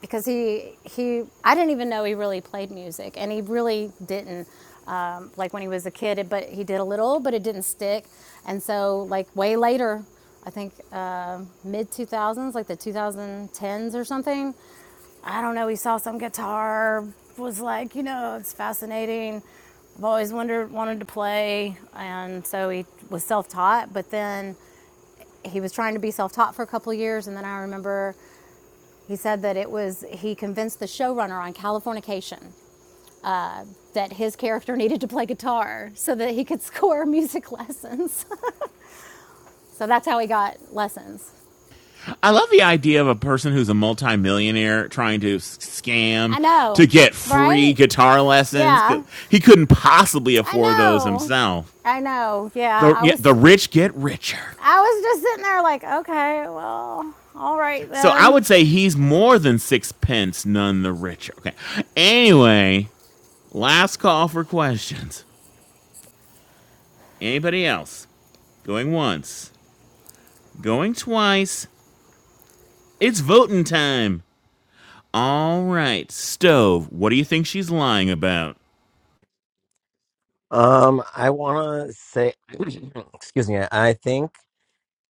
S6: because he he I didn't even know he really played music, and he really didn't. Um, like when he was a kid, but he did a little, but it didn't stick. And so, like way later, I think uh, mid 2000s, like the 2010s or something, I don't know, he saw some guitar, was like, you know, it's fascinating. I've always wondered, wanted to play. And so he was self taught, but then he was trying to be self taught for a couple of years. And then I remember he said that it was, he convinced the showrunner on Californication that his character (laughs) needed to play guitar so that he could (laughs) score music lessons. (laughs) so that's how he got lessons.
S2: I love the idea of a person who's a multimillionaire trying to scam
S6: I
S2: to
S6: know,
S2: get free
S6: right?
S2: guitar lessons.
S6: Yeah.
S2: He couldn't possibly
S6: I
S2: afford those
S6: know.
S2: himself.
S6: I know. Yeah.
S2: The
S6: I
S2: yeah, the
S6: was,
S2: rich get richer.
S6: I was just sitting there like, okay, well, all right
S2: So I
S6: then.
S2: would say he's more than sixpence, none the richer. Okay. Anyway, last call for questions. Anybody else? Going once, going twice. It's voting time. All right, stove. What do you think she's lying about?
S1: Um, I want to say, (clears throat) excuse me. I think.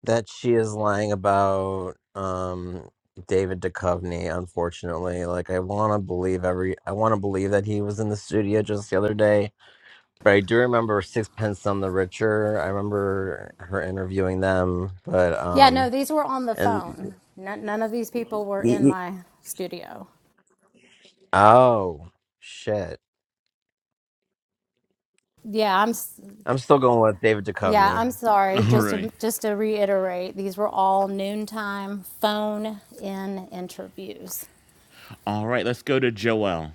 S1: that she is lying about um David Duchovny, unfortunately. Like I wanna believe every I wanna believe that he was in the studio just the other day. But I do remember Sixpence None the Richer. I remember her interviewing them, but
S6: Yeah. No,
S1: um
S6: these were on the
S1: and
S6: phone. None, none of these people were in
S1: e- e-
S6: my studio.
S1: oh shit.
S6: Yeah. I'm,
S1: I'm still going with David
S6: Yeah,
S1: Duchovny.
S6: I'm
S2: (laughs)
S6: sorry.
S2: All
S6: Just
S2: right.
S6: to, just to reiterate, these were all noontime phone-in interviews.
S2: All right, let's go to Joelle.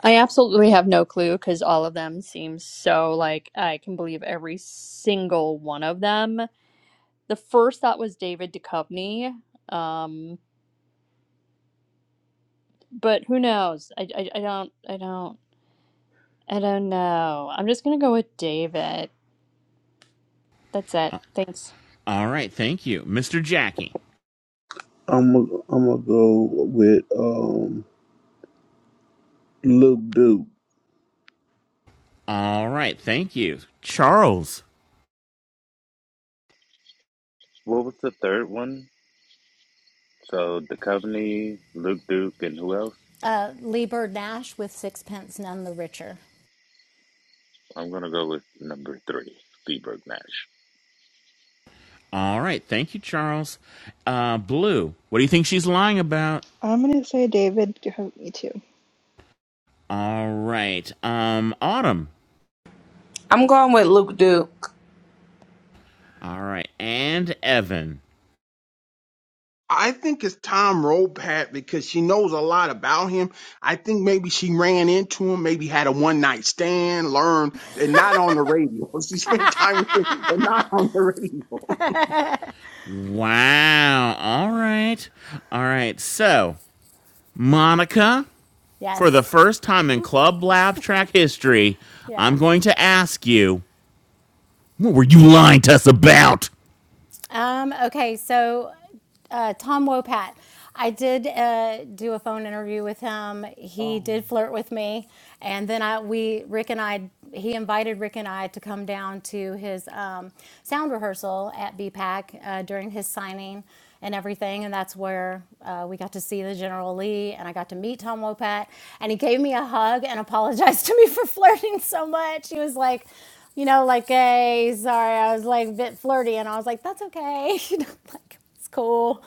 S4: I absolutely have no clue because all of them seem so like I can believe every single one of them. The first thought was David Duchovny, um, but who knows? I, I I don't I don't I don't know. I'm just gonna go with David. That's it. Thanks.
S2: All right, thank you. Mr. Jackie.
S5: I'm gonna I'm gonna go with um Lil Duke.
S2: All right, thank you. Charles.
S7: What was the third one? So, the Coveney, Luke Duke, and who else?
S6: Uh, Lee Bird Nash with Sixpence None the Richer.
S7: I'm gonna go with number three, Speedbird Nash.
S2: All right, thank you, Charles. Uh, Blue, what do you think she's lying about?
S8: I'm going to say David me too.
S2: All right. Um, Autumn.
S10: I'm going with Luke Duke.
S2: All right. And Evan.
S9: I think it's Tom Ropat because she knows a lot about him. I think maybe she ran into him, maybe had a one night stand, learned, and not on the radio. (laughs) She spent time with him, but not on the radio. (laughs)
S2: Wow. All right. All right. So, Monica, for the
S6: Yes.
S2: first time in Club Lab track history, I'm
S6: Yeah.
S2: going to ask you, what were you lying to us about?
S6: Um, okay, so uh, Tom Wopat. I did uh, do a phone interview with him. He did
S9: Oh.
S6: flirt with me, and then I we Rick and I he invited Rick and I to come down to his um, sound rehearsal at BPAC uh, during his signing and everything, and that's where uh, we got to see the General Lee, and I got to meet Tom Wopat, and he gave me a hug and apologized (laughs) to me for flirting so much. He was like you know, like, hey, sorry, I was like a bit flirty, and I was like, that's okay, (laughs) you know, like it's cool.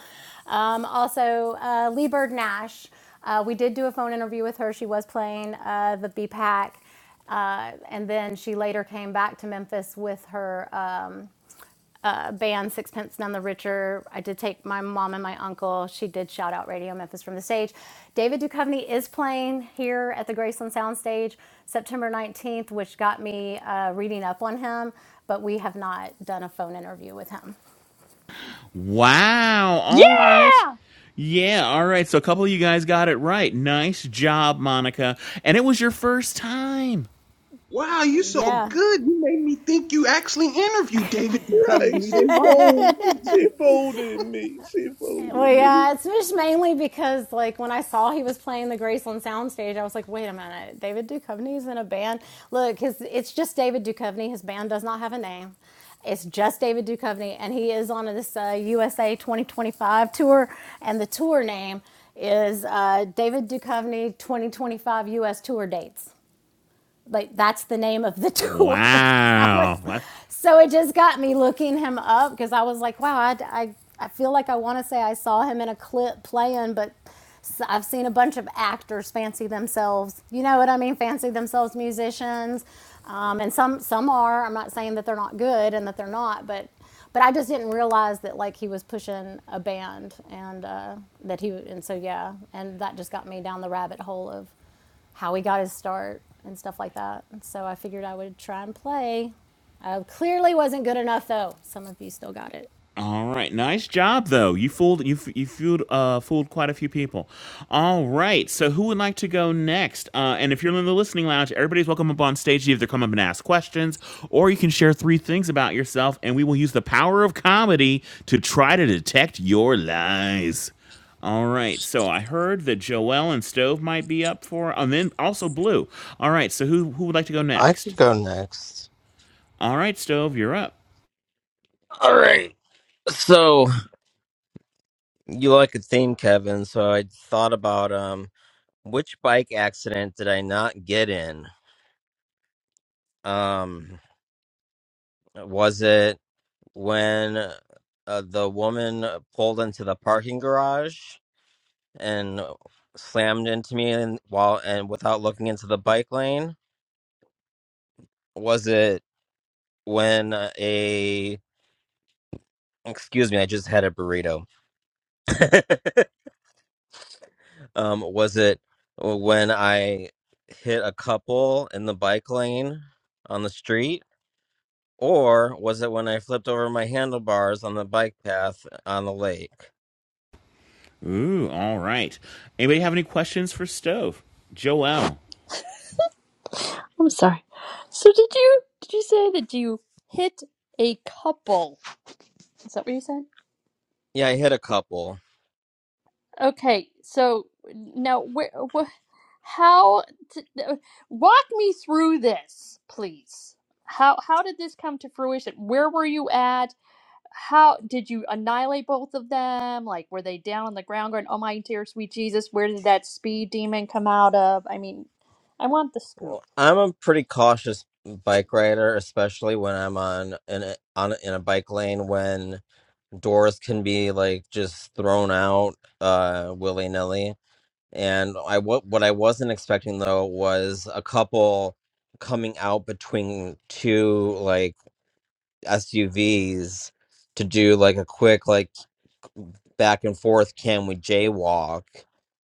S6: Um, also, uh, Lee Bird Nash, uh, we did do a phone interview with her. She was playing uh, the BPAC, uh, and then she later came back to Memphis with her. um, uh, band Sixpence None the Richer. I did take my mom and my uncle. She did shout out Radio Memphis from the stage. David Duchovny is playing here at the Graceland Soundstage September 19th, which got me uh, reading up on him, but we have not done a phone interview with him.
S2: Wow.
S4: Yeah.
S2: All right.
S4: I'm
S2: Yeah, all right. So a couple of you guys got it right. Nice job, Monica. And it was your first time.
S9: Wow, you so
S6: Yeah.
S9: good. You made me think you actually interviewed David Duchovny.
S5: Right,
S9: You
S5: she
S9: didn't want to
S5: fooled.
S9: say
S5: She
S9: it. (laughs)
S5: folded me. She folded
S6: Well,
S5: me.
S6: yeah, it's just mainly because, like, when I saw he was playing the Graceland soundstage, I was like, wait a minute, David Duchovny's in a band. Look, his, it's just David Duchovny. His band does not have a name. It's just David Duchovny, and he is on this uh, USA 2025 tour, and the tour name is uh, David Duchovny 2025 U.S. Tour Dates like that's the name of the tour. (laughs) I was
S2: Wow.
S6: so it just got me looking him up because I was like, wow, I, I, I feel like I want to say I saw him in a clip playing, but so I've seen a bunch of actors fancy themselves, you know what I mean, fancy themselves musicians, um, and some some are. I'm not saying that they're not good and that they're not, but but I just didn't realize that like he was pushing a band and uh, that he and so yeah, and that just got me down the rabbit hole of how he got his start and stuff like that. And so I figured I would try and play. I clearly wasn't good enough though. Some of you still got it.
S2: All right, nice job though. You fooled you f- you fooled uh fooled quite a few people. All right, so who would like to go next? Uh, and if you're in the listening lounge, everybody's welcome up on stage to either come up and ask questions, or you can share three things about yourself, and we will use the power of comedy to try to detect your lies. All right, so I heard that Joelle and Stove might be up for, and then also Blue. All right, so who who would like to go
S1: I
S2: next?
S1: could go next.
S2: All right, Stove, you're up.
S1: All right. So you like a theme, Kevin, so I thought about um Which bike accident did I not get in? Um, was it when uh, the woman pulled into the parking garage and slammed into me and while and without looking into the bike lane? Was it when uh, a excuse me, I just had a burrito. (laughs) um, was it when I hit a couple in the bike lane on the street? Or was it when I flipped over my handlebars on the bike path uh, on the lake?
S2: Ooh, all right. Anybody have any questions for Stove? Joel.
S4: sorry. So did you did you say that you hit a couple? Is that what you said?
S1: Yeah, I hit a couple.
S4: Okay, so now where, wh- how t- uh, walk me through this, please. How how did this come to fruition? Where were you at? How did you annihilate both of them? Like were they down on the ground going, "Oh my dear sweet Jesus, where did that speed demon come out of?" I mean, I want the scoop.
S1: Well, I'm a pretty cautious bike rider, especially when I'm on in a, on in a bike lane when doors can be like just thrown out uh willy nilly. And I what what I wasn't expecting though was a couple coming out between two like SUVs to do like a quick like. back and forth can we jaywalk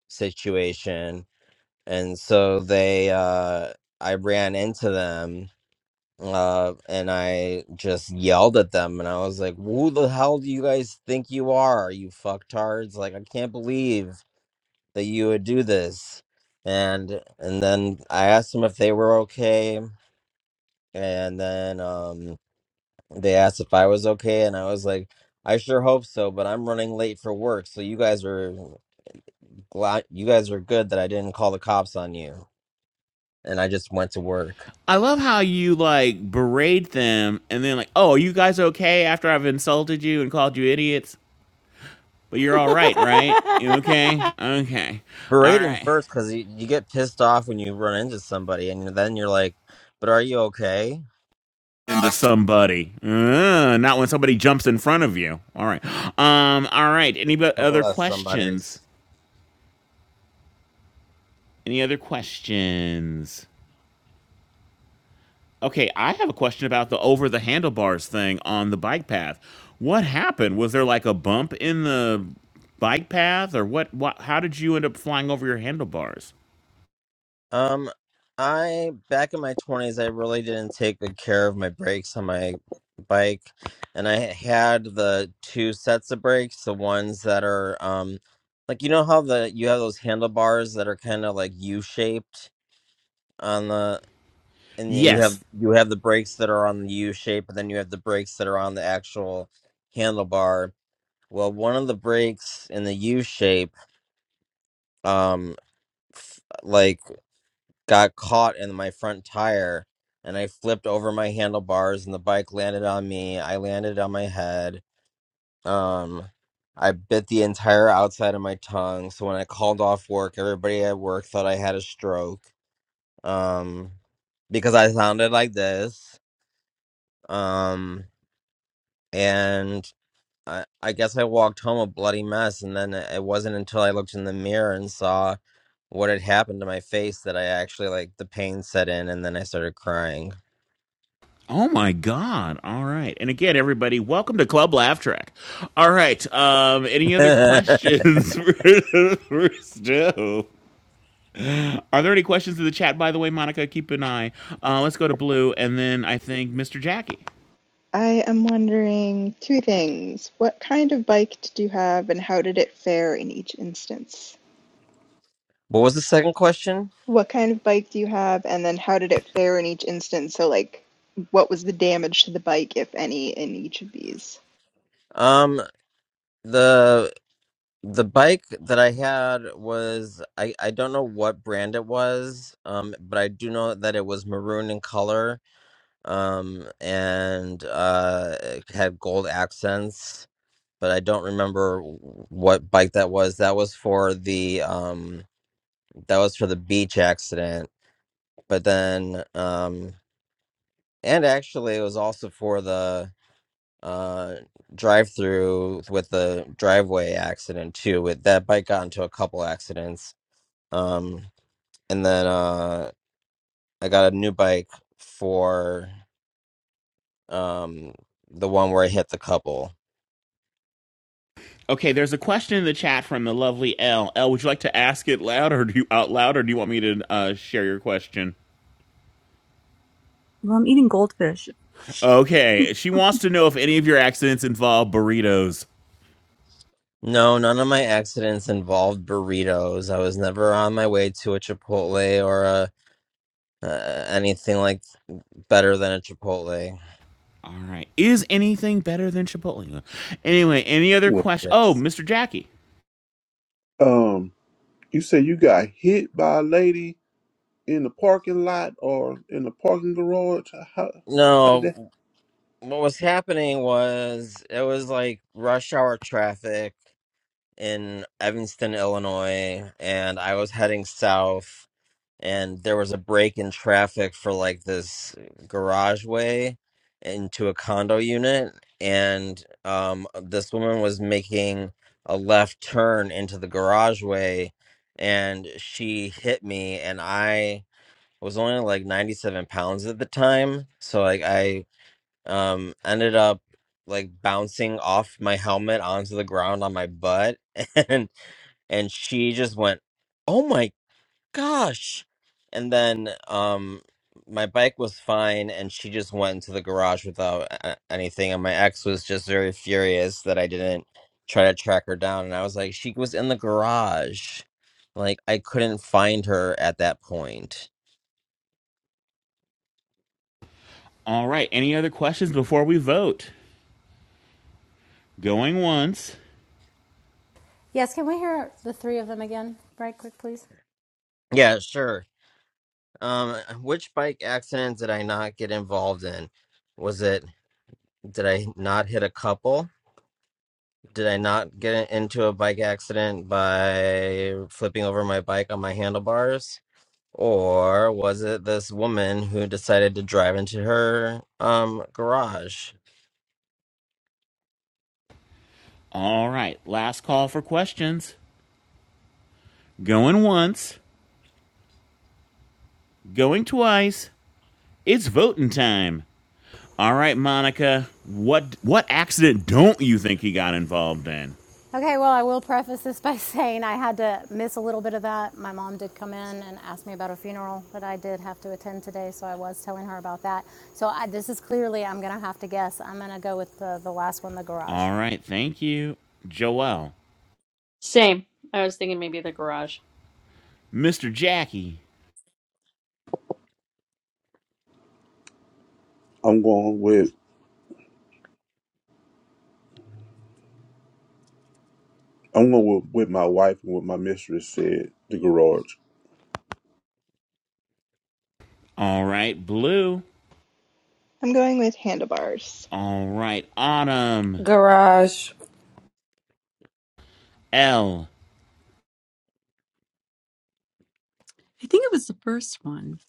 S1: situation and so they uh i ran into them uh and i just yelled at them and i was like who the hell do you guys think you are you fucktards like i can't believe that you would do this and and then i asked them if they were okay and then um they asked if i was okay and i was like I sure hope so, but I'm running late for work, so you guys are glad you guys are good that I didn't call the cops on you and I just went to work.
S2: I love how you like berate them and then like, oh, are you guys okay after I've insulted you and called you idiots? But you're all right, right? You
S6: (laughs)
S2: okay? Okay. All
S1: Berating
S2: right.
S1: first because you, you get pissed off when you run into somebody and then you're like, but are you okay?
S2: Into somebody. Uh, not when somebody jumps in front of you. All right. Um, all right. Any
S1: couple
S2: other
S1: of
S2: questions?
S1: somebody's.
S2: Any other questions? Okay, I have a question about the over the handlebars thing on the bike path. What happened? Was there like a bump in the bike path or what, what how did you end up flying over your handlebars?
S1: Um, I back in my twenties, I really didn't take good care of my brakes on my bike, and I had the two sets of brakes, the ones that are um, like you know how the you have those handlebars that are kind of like U shaped on the, and then you have
S2: Yes.
S1: you have the brakes that are on the U shape, and then you have the brakes that are on the actual handlebar. Well, one of the brakes in the U shape, um, got caught in my front tire and I flipped over my handlebars and the bike landed on me. I landed on my head. Um I bit the entire outside of my tongue. So when I called off work, everybody at work thought I had a stroke. Um because I sounded like this. Um and I, I guess I walked home a bloody mess and then it it wasn't until I looked in the mirror and saw what had happened to my face that I actually like the pain set in and then I started crying.
S2: Oh my God. All right. And again, everybody, welcome to Club Laugh Track. All right. Um, any
S1: (laughs)
S2: other
S1: what
S2: questions (laughs) for, for Stu? Are there any questions in the chat, by the way, Monica? Keep an eye. Uh, let's go to Blue and then I think Mr. Jackie.
S8: I am wondering two things. What kind of bike did you have and how did it fare in each instance?
S1: was the second question?
S8: What kind of bike do you have and then how did it fare in each instance? So, like, what was the damage to the bike, if any, in each of these?
S1: Um, the the bike that I had was I I don't know what brand it was, um, but I do know that it was maroon in color, um, and uh, it had gold accents. But I don't remember w- what bike that was. That was for the um, that was for the beach accident. But then, um, and actually, it was also for the uh drive through with the driveway accident too with that bike got into a couple accidents um and then uh i got a new bike for um the one where i hit the couple
S2: Okay, there's a question in the chat from the lovely L. L, would you like to ask it loud or do you out loud, or do you want me to uh, share your question?
S11: Well, I'm eating goldfish.
S2: Okay, she wants to know if any of your accidents involve burritos.
S1: no none of my accidents involved burritos i was never on my way to a chipotle or a uh, anything like better than a chipotle
S2: All right, is anything better than Chipotle? Anyway, any other
S5: Well,
S2: question? Oh,
S1: yes
S2: Mr. Jackie.
S5: um, you say you got hit by a lady in the parking lot or in the parking garage? How, how did that?
S1: no what was happening was it was like rush hour traffic in Evanston, Illinois, and I was heading south, and there was a break in traffic for like this garage way into a condo unit, and um, this woman was making a left turn into the garage way, and she hit me, and I was only like 97 pounds at the time, so like I um ended up like bouncing off my helmet onto the ground on my butt (laughs) and she just went, "Oh my gosh!" And then um, my bike was fine, and she just went into the garage without a- anything. And my ex was just very furious that I didn't try to track her down. And I was like, "She was in the garage." Like I couldn't find her at that point.
S2: All right, any other questions before we vote? Going once.
S6: Yes, can we hear the three of them again, right quick, please?
S1: Yeah, sure. Um, which bike accident did I not get involved in? Was it did I not hit a couple? Did I not get into a bike accident by flipping over my bike on my handlebars? Or was it this woman who decided to drive into her um garage?
S2: All right, last call for questions. Going once. Going twice. It's voting time. All right, Monica. What what accident don't you think he got involved in?
S6: Okay, well, I will preface this (laughs) by saying I had to miss a little bit of that. My mom did come in and ask me about a funeral that I did have to attend today, so I was telling her about that. So I, this is clearly, I'm going to have to guess. I'm going to go with the, the last one, the garage.
S2: All right, thank you. Joelle,
S4: Same. I was thinking maybe the garage.
S2: Mr. Jackie.
S5: I'm going with I'm going with, with my wife and what my mistress said. The garage.
S2: All right, Blue.
S8: I'm going with handlebars.
S2: All right, Autumn.
S10: Garage.
S2: L
S11: I think it was the first one.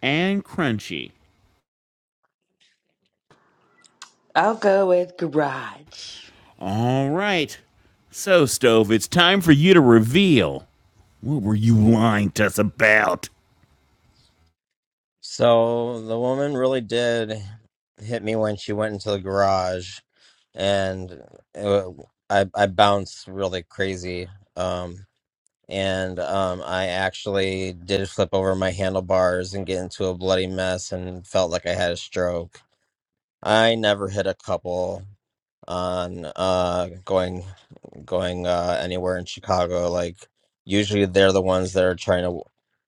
S2: and Crunchy.
S12: I'll go with garage.
S2: All right. So, Stove, it's time for you to reveal. What were you lying to us about?
S1: So the woman really did hit me when she went into the garage and it, wa- I I bounced really crazy um and um I actually did flip over my handlebars and get into a bloody mess and felt like I had a stroke. I never hit a couple on uh going going uh anywhere in Chicago. Like usually they're the ones that are trying to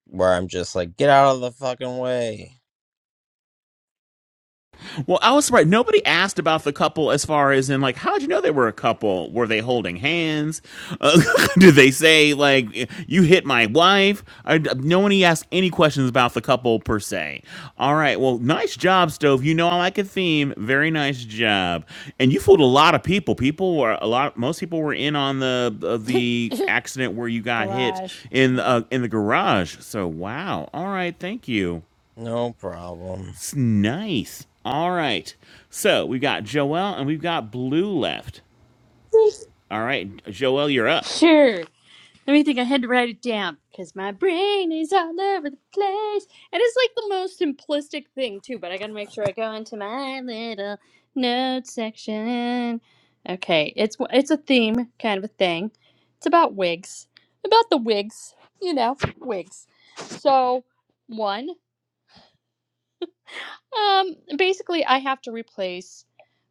S1: where I'm just like, get out of the fucking way.
S2: Well, I was surprised. Nobody asked about the couple as far as in like, how did you know they were a couple? Were they holding hands? Uh, (laughs) did they say like, you hit my wife? I, no one asked any questions about the couple per se. All right. Well, nice job, Stove. You know I like a theme. Very nice job. And you fooled a lot of people. People were a lot. Most people were in on the uh, the accident where you got hit
S6: Garage.
S2: in
S6: Yeah.
S2: uh, in the garage. So wow. All right. Thank you.
S1: No problem.
S2: It's nice. All right. So we've got Joelle and we've got Blue left.
S4: (laughs)
S2: All right, Joelle, you're up.
S4: Sure. Let me think. I had to write it down because my brain is all over the place, and it's like the most simplistic thing too. But I gotta make sure I go into my little note section. Okay, it's it's a theme kind of a thing. It's about wigs, about the wigs, you know, wigs. So one. Um, basically, I have to replace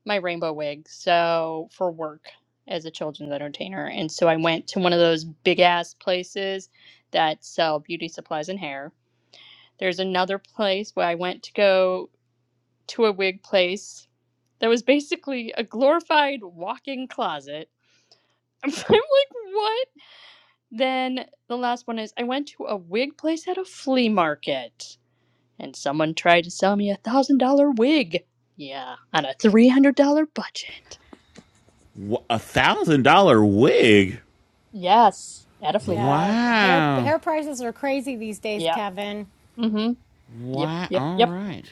S4: my rainbow wig, so for work as a children's entertainer. And so I went to one of those big ass places that sell beauty supplies and hair. There's another place where I went to go to a wig place that was basically a glorified walk-in closet. (laughs) I'm like, what? Then the last one is I went to a wig place at a flea market and someone tried to sell me a one thousand dollar wig. Yeah, on a three hundred dollar budget.
S2: A thousand dollar wig.
S4: Yes, at a flea market.
S6: Yeah. Hair,
S2: Wow.
S6: hair prices are crazy these days,
S4: Yeah.
S6: Kevin.
S4: Mm-hmm. Yep.
S2: Wow.
S4: Yep.
S2: All
S4: Yep.
S2: right.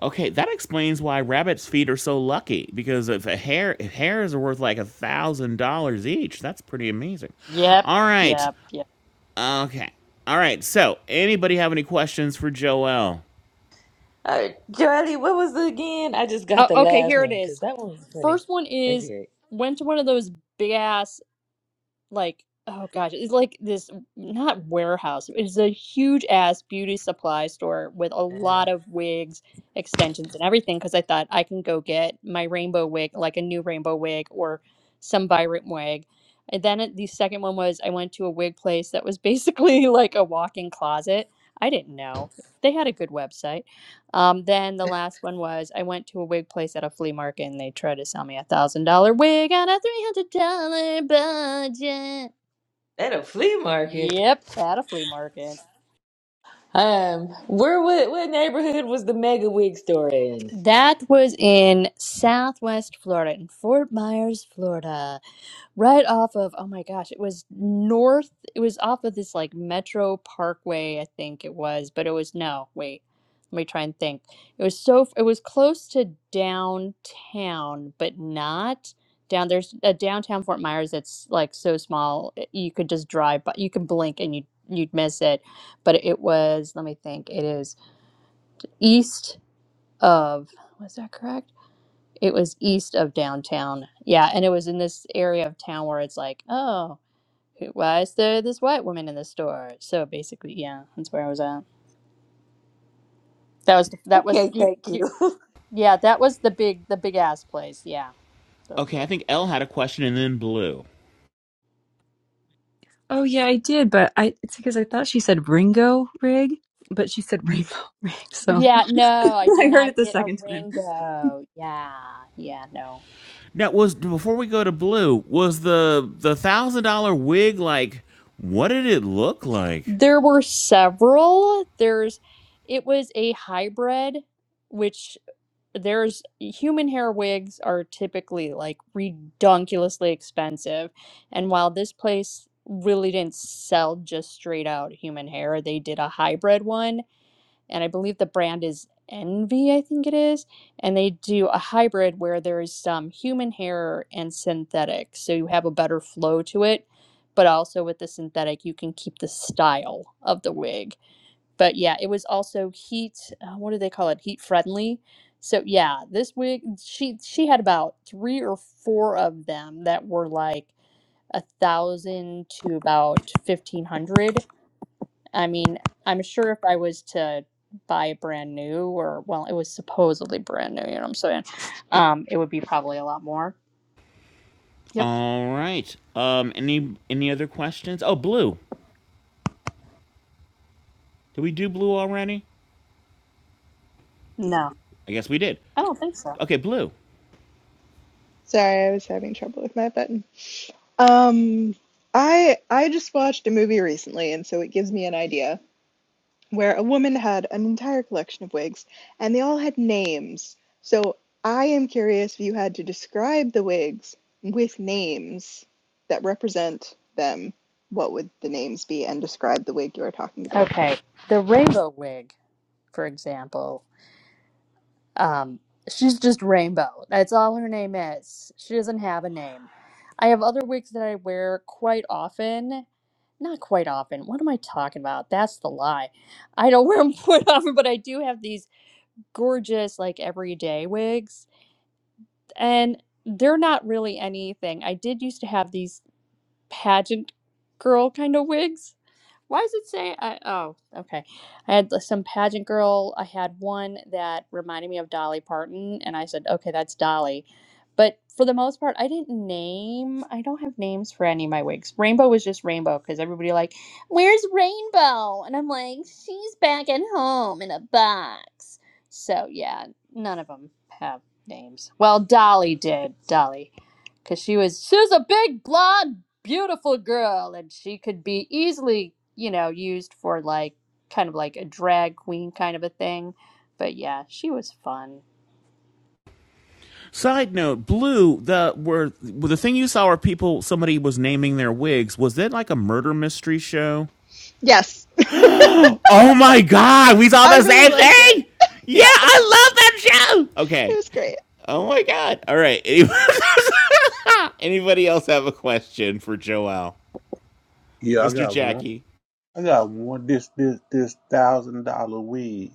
S2: Okay, that explains why rabbits' feet are so lucky. Because if a hair, if hairs are worth like a thousand dollars each, that's pretty amazing.
S4: Yep.
S2: All right.
S4: Yep. Yep.
S2: Okay. All right. So, anybody have any questions for Joelle?
S12: Uh, Charlie, what was it again? I just got
S4: Oh,
S12: the
S4: okay,
S12: last
S4: here it
S12: one because
S4: is.
S12: that one was funny.
S4: First one is
S12: Okay.
S4: went to one of those big ass like oh gosh it's like this not warehouse it's a huge ass beauty supply store with a
S12: Uh,
S4: lot of wigs extensions and everything because i thought i can go get my rainbow wig like a new rainbow wig or some vibrant wig and then it- the second one was i went to a wig place that was basically (laughs) like a walk-in closet i didn't know they had a good website um, then the last one was I went to a wig place at a flea market and they tried to sell me a thousand dollar wig on a three hundred dollar budget.
S12: at a flea market.
S4: Yep, at a flea market.
S12: Um, where what, what neighborhood was the mega wig store in?
S4: That was in Southwest Florida, in Fort Myers, Florida. Right off of, oh my gosh, it was north, it was off of this like Metro Parkway, I think it was, but it was no, wait, let me try and think. It was so, it was close to downtown, but not down. There's a downtown Fort Myers that's like so small, i- you could just drive, but you could blink and you you'd miss it. But it was, let me think, it is east of, was that correct? It was east of downtown. Yeah, and it was in this area of town where it's like, oh who- why is there this white woman in the store? So basically, yeah, that's where I was at. That was the, that was
S12: Okay,
S4: you,
S12: thank
S4: you,
S12: you.
S4: yeah, that was the big the big ass place. Yeah, those
S2: Okay, I
S4: were.
S2: think Elle had a question, and then Blue.
S11: Oh yeah, I did, but I it's because I thought she said Ringo rig, but she said rainbow (laughs) rig, so
S4: Yeah, no,
S11: (laughs)
S4: I did
S11: I heard it
S4: not
S11: the
S4: get a
S11: second time.
S4: Ringo. Yeah, yeah, no.
S2: Now was before we go to blue, was the the thousand dollar wig like what did it look like?
S4: There were several. There's, it was a hybrid, which there's human hair wigs are typically like redonkulously expensive. And while this place really didn't sell just straight out human hair, they did a hybrid one. And I believe the brand is Envy, I think it is. And they do a hybrid where there's some human hair and synthetic. So you have a better flow to it. But also with the synthetic, you can keep the style of the wig but yeah, it was also heat. Uh, what do they call it? Heat friendly. So yeah, this wig she she had about three or four of them that were like a thousand to about fifteen hundred. I mean, I'm sure if I was to buy brand new or well, it was supposedly brand new. You know what I'm saying? Um, it would be probably a lot more. Yep.
S2: All right. Um any any other questions? Oh blue. Did we do blue already?
S4: No,
S2: I guess we did.
S4: I don't think so.
S2: Okay, blue.
S8: Sorry, I was having trouble with my button. Um, I I just watched a movie recently, and so it gives me an idea where a woman had an entire collection of wigs, and they all had names. So I am curious if you had to describe the wigs with names that represent them, what would the names be, and describe the wig you are talking about?
S4: Okay, the rainbow wig, for example. Um, she's just Rainbow. That's all her name is. She doesn't have a name. I have other wigs that I wear quite often. Not quite often. What am I talking about? That's the lie. I don't wear them (laughs) quite often, but I do have these gorgeous, like everyday wigs. And they're not really anything. I did used to have these pageant girl kind of wigs why does it say? I, oh, okay. I had some pageant girl. I had one that reminded me of Dolly Parton, and I said, okay, that's Dolly. But for the most part, I didn't name. I don't have names for any of my wigs. Rainbow was just Rainbow because everybody like, where's Rainbow? And I'm like, she's back at home in a box. So yeah, none of them have names. Well, Dolly did. Dolly because she was she was a big blonde beautiful girl and she could be easily you know used for like kind of like a drag queen kind of a thing but yeah she was fun
S2: Side note, blue, the were were the thing you saw where people somebody was naming their wigs, was that like a murder mystery show?
S8: Yes,
S2: (gasps) Oh my god, we
S8: (laughs)
S2: saw
S8: I
S2: the
S8: really
S2: same
S8: liked it.
S2: thing!
S8: (laughs)
S2: Yeah,
S8: Yeah,
S2: I love that show.
S8: it
S2: Okay,
S8: was great.
S2: Oh my god. All right. (laughs) Anybody else have a question for Joel?
S5: Yeah, I
S2: Mr.
S5: got one.
S2: Jackie.
S5: I got one. This this this thousand dollar weed.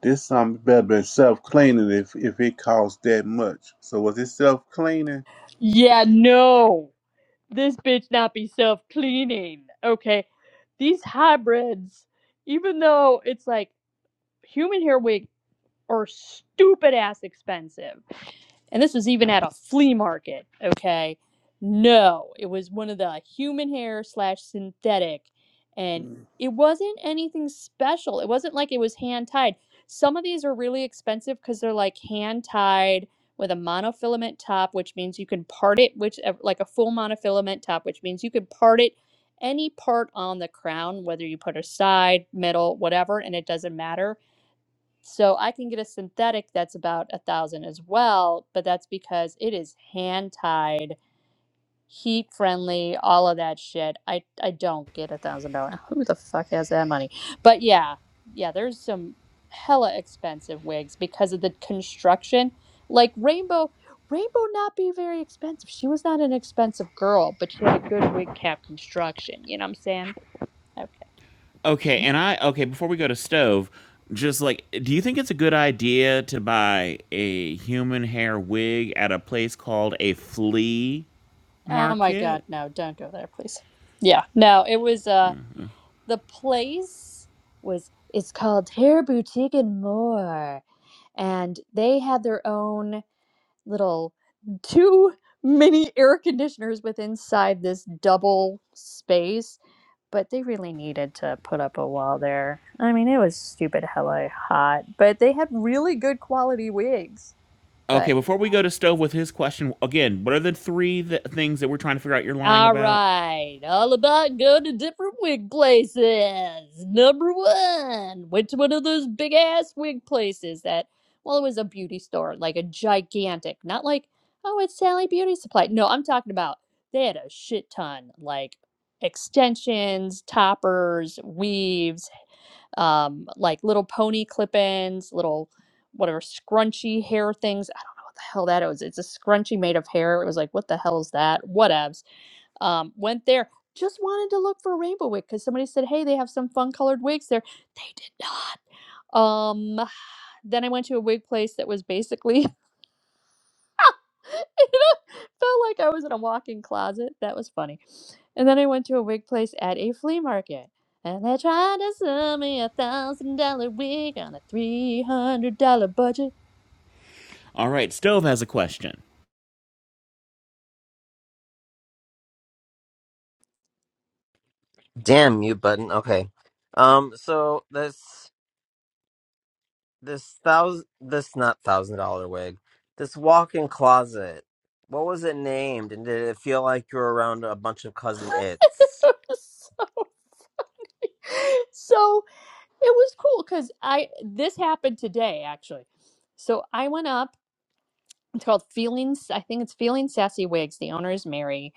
S5: This something better than self cleaning if if it costs that much. So was it self cleaning?
S4: yeah no this bitch not be self-cleaning okay these hybrids even though it's like human hair wig are stupid ass expensive and this was even at a flea market okay no it was one of the human hair slash synthetic and it wasn't anything special it wasn't like it was hand tied some of these are really expensive because they're like hand tied with a monofilament top which means you can part it which uh, like a full monofilament top which means you can part it any part on the crown whether you put a side middle whatever and it doesn't matter so I can get a synthetic that's about a thousand as well, but that's because it is hand tied, heat friendly, all of that shit. I I don't get a thousand dollar. (laughs) Who the fuck has that money? But yeah, yeah, there's some hella expensive wigs because of the construction. Like Rainbow, Rainbow not be very expensive. She was not an expensive girl, but she had a good wig cap construction. You know what I'm saying? (laughs) Okay.
S2: Okay, and I okay, before we go to stove, just like do you think it's a good idea to buy a human hair wig at a place called a flea
S4: Oh my god,
S2: market?
S4: no, don't go there, please. Yeah, no, it was uh the place was it's called Hair Boutique and More, and they had their own little two mini air conditioners with inside this double space. But they really needed to put up a wall there. I mean, it was stupid hella hot, but they had really good quality wigs.
S2: Okay,
S4: But
S2: before
S4: yeah.
S2: we go to stove with his question again, what are the three th- things that we're trying to figure out you're lying
S4: All
S2: about?
S4: right, all about going to different wig places. Number one, went to one of those big ass wig places that, well, it was a beauty store, like a gigantic, not like, oh, it's Sally Beauty Supply. No, I'm talking about they had a shit ton, like extensions, toppers, weaves, um, like little pony clip ins, little whatever scrunchy hair things. I don't know what the hell that is. It's a scrunchie made of hair. It was like, what the hell is that? Whatevs um, went there just wanted to look for a rainbow wig because somebody said hey they have some fun colored wigs there they did not um (sighs) then i went to a wig place that was basically (laughs) it felt like i was in a walk-in closet that was funny and then i went to a wig place at a flea market and they tried to sell me a thousand dollar wig on a three hundred dollar budget
S2: All right, stove has a question.
S1: Damn mute button. Okay. Um. So this this thousand this not thousand dollar wig. This walk-in closet. What was it named? And did it feel like you were around a bunch of cousin
S4: (laughs)
S1: its?
S4: so, so it was cool because i this happened today actually so i went up it's called feelings i think it's feeling sassy wigs the owner is mary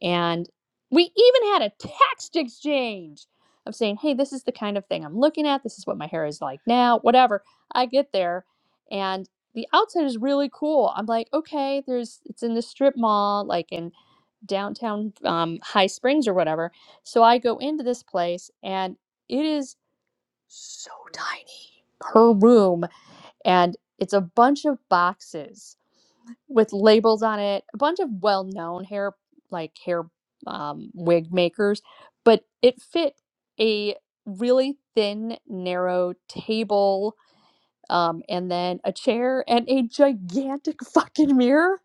S4: and we even had a text exchange of saying hey this is the kind of thing i'm looking at this is what my hair is like now whatever i get there and the outside is really cool i'm like okay there's it's in the strip mall like in downtown um, high springs or whatever so i go into this place and it is so tiny her room and it's a bunch of boxes with labels on it, a bunch of well-known hair like hair um, wig makers, but it fit a really thin, narrow table, um, and then a chair and a gigantic (laughs) fucking mirror.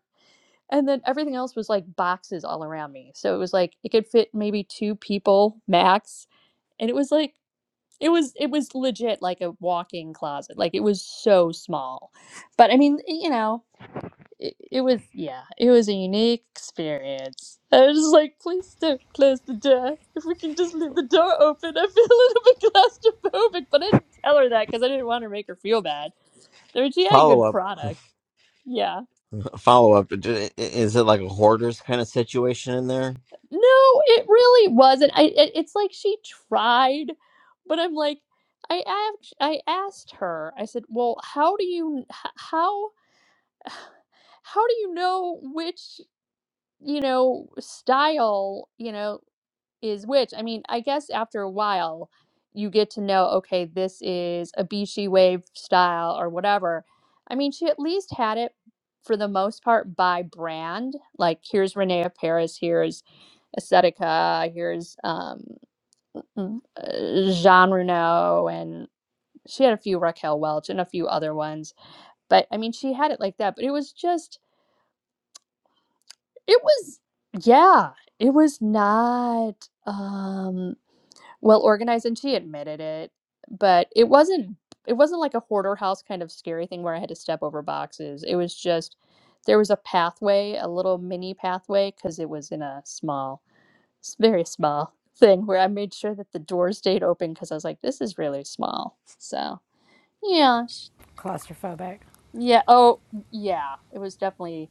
S4: And then everything else was like boxes all around me. So it was like it could fit maybe two people max. And it was like it was it was legit like a walk-in closet. Like it was so small. But I mean, you know, it, it was yeah, it was a unique experience. I was just like, please don't close the door. If we can just leave the door open, I feel (laughs) a little bit claustrophobic. But I didn't tell her that because I didn't want to make her feel bad. I mean, she had
S1: Follow
S4: good
S1: up.
S4: product. Yeah.
S1: follow up. d- Is it like a hoarders kind of situation in there?
S4: No, it really wasn't. I. It, it's like she tried, but I'm like, I asked. I asked her. I said, well, how do you h- how (sighs) how do you know which you know style you know is which. I mean, I guess after a while, you get to know, okay, this is a Bishi wave style or whatever. I mean, she at least had it for the most part by brand. Like, here's Renee Paris, here's Aesthetica, here's um, mm, uh, Jean Reno, and she had a few Raquel Welch and a few other ones. But I mean, she had it like that, but it was just, it was, yeah, it was not. Um, well organized and she admitted it but it wasn't it wasn't like a hoarder house kind of scary thing where i had to step over boxes it was just there was a pathway a little mini pathway because it was in a small s- very small (laughs) thing where i made sure that the door stayed open because i was like this is really small so yeah sh-
S6: Claustrophobic.
S4: yeah oh yeah it was definitely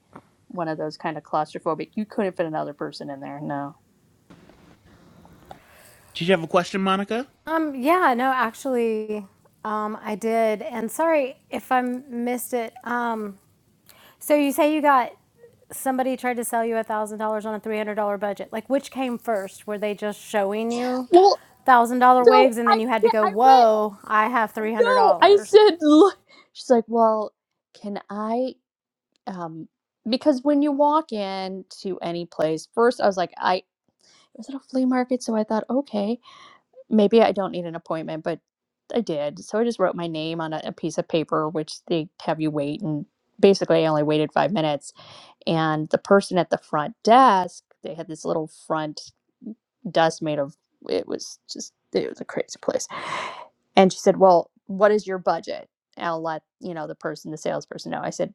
S4: one of those kind of claustrophobic you couldn't fit another person in there no
S2: Did you have a question, Monica?
S6: Um, yeah, no, actually, um, I did. And sorry if I missed it. Um, So you say you got somebody tried to sell you a thousand dollars on a three hundred dollar budget. Like which came first? Were they just showing you
S4: well
S6: a thousand dollar
S4: so
S6: wigs and
S4: i
S6: then you had to
S4: yeah
S6: go,
S4: i went
S6: Whoa, I have three hundred
S4: no, I
S6: dollars.
S4: said, look. She's like, well, can I? Um, because when you walk in to any place, first I was like, I was it a flea market? So I thought, okay, maybe I don't need an appointment, but I did. So I just wrote my name on a, a piece of paper, which they have you wait. And basically, I only waited five minutes. And the person at the front desk, they had this little front desk made of, it was just, it was a crazy place and she said, Well, what is your budget? And I'll let, you know, the person, the salesperson know. I said,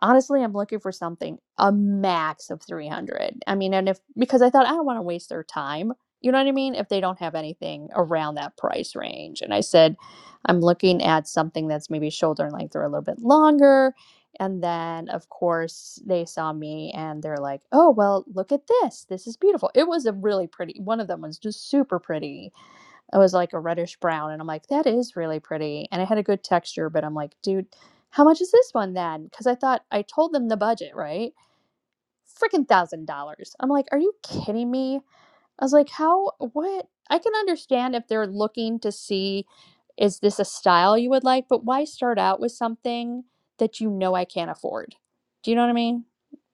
S4: honestly, I'm looking for something a max of 300. I mean, and if, because I thought I don't want to waste their time. You know what I mean? If they don't have anything around that price range. And I said, I'm looking at something that's maybe shoulder and length or a little bit longer. And then, of course, they saw me and they're like, oh, well, look at this. This is beautiful. It was a really pretty, one of them was just super pretty it was like a reddish brown, and I'm like, that is really pretty. And it had a good texture, but I'm like, dude, how much is this one then? Because I thought I told them the budget, right? Freaking thousand dollars. I'm like, are you kidding me? I was like, how, what? I can understand if they're looking to see, is this a style you would like, but why start out with something that you know I can't afford? Do you know what I mean?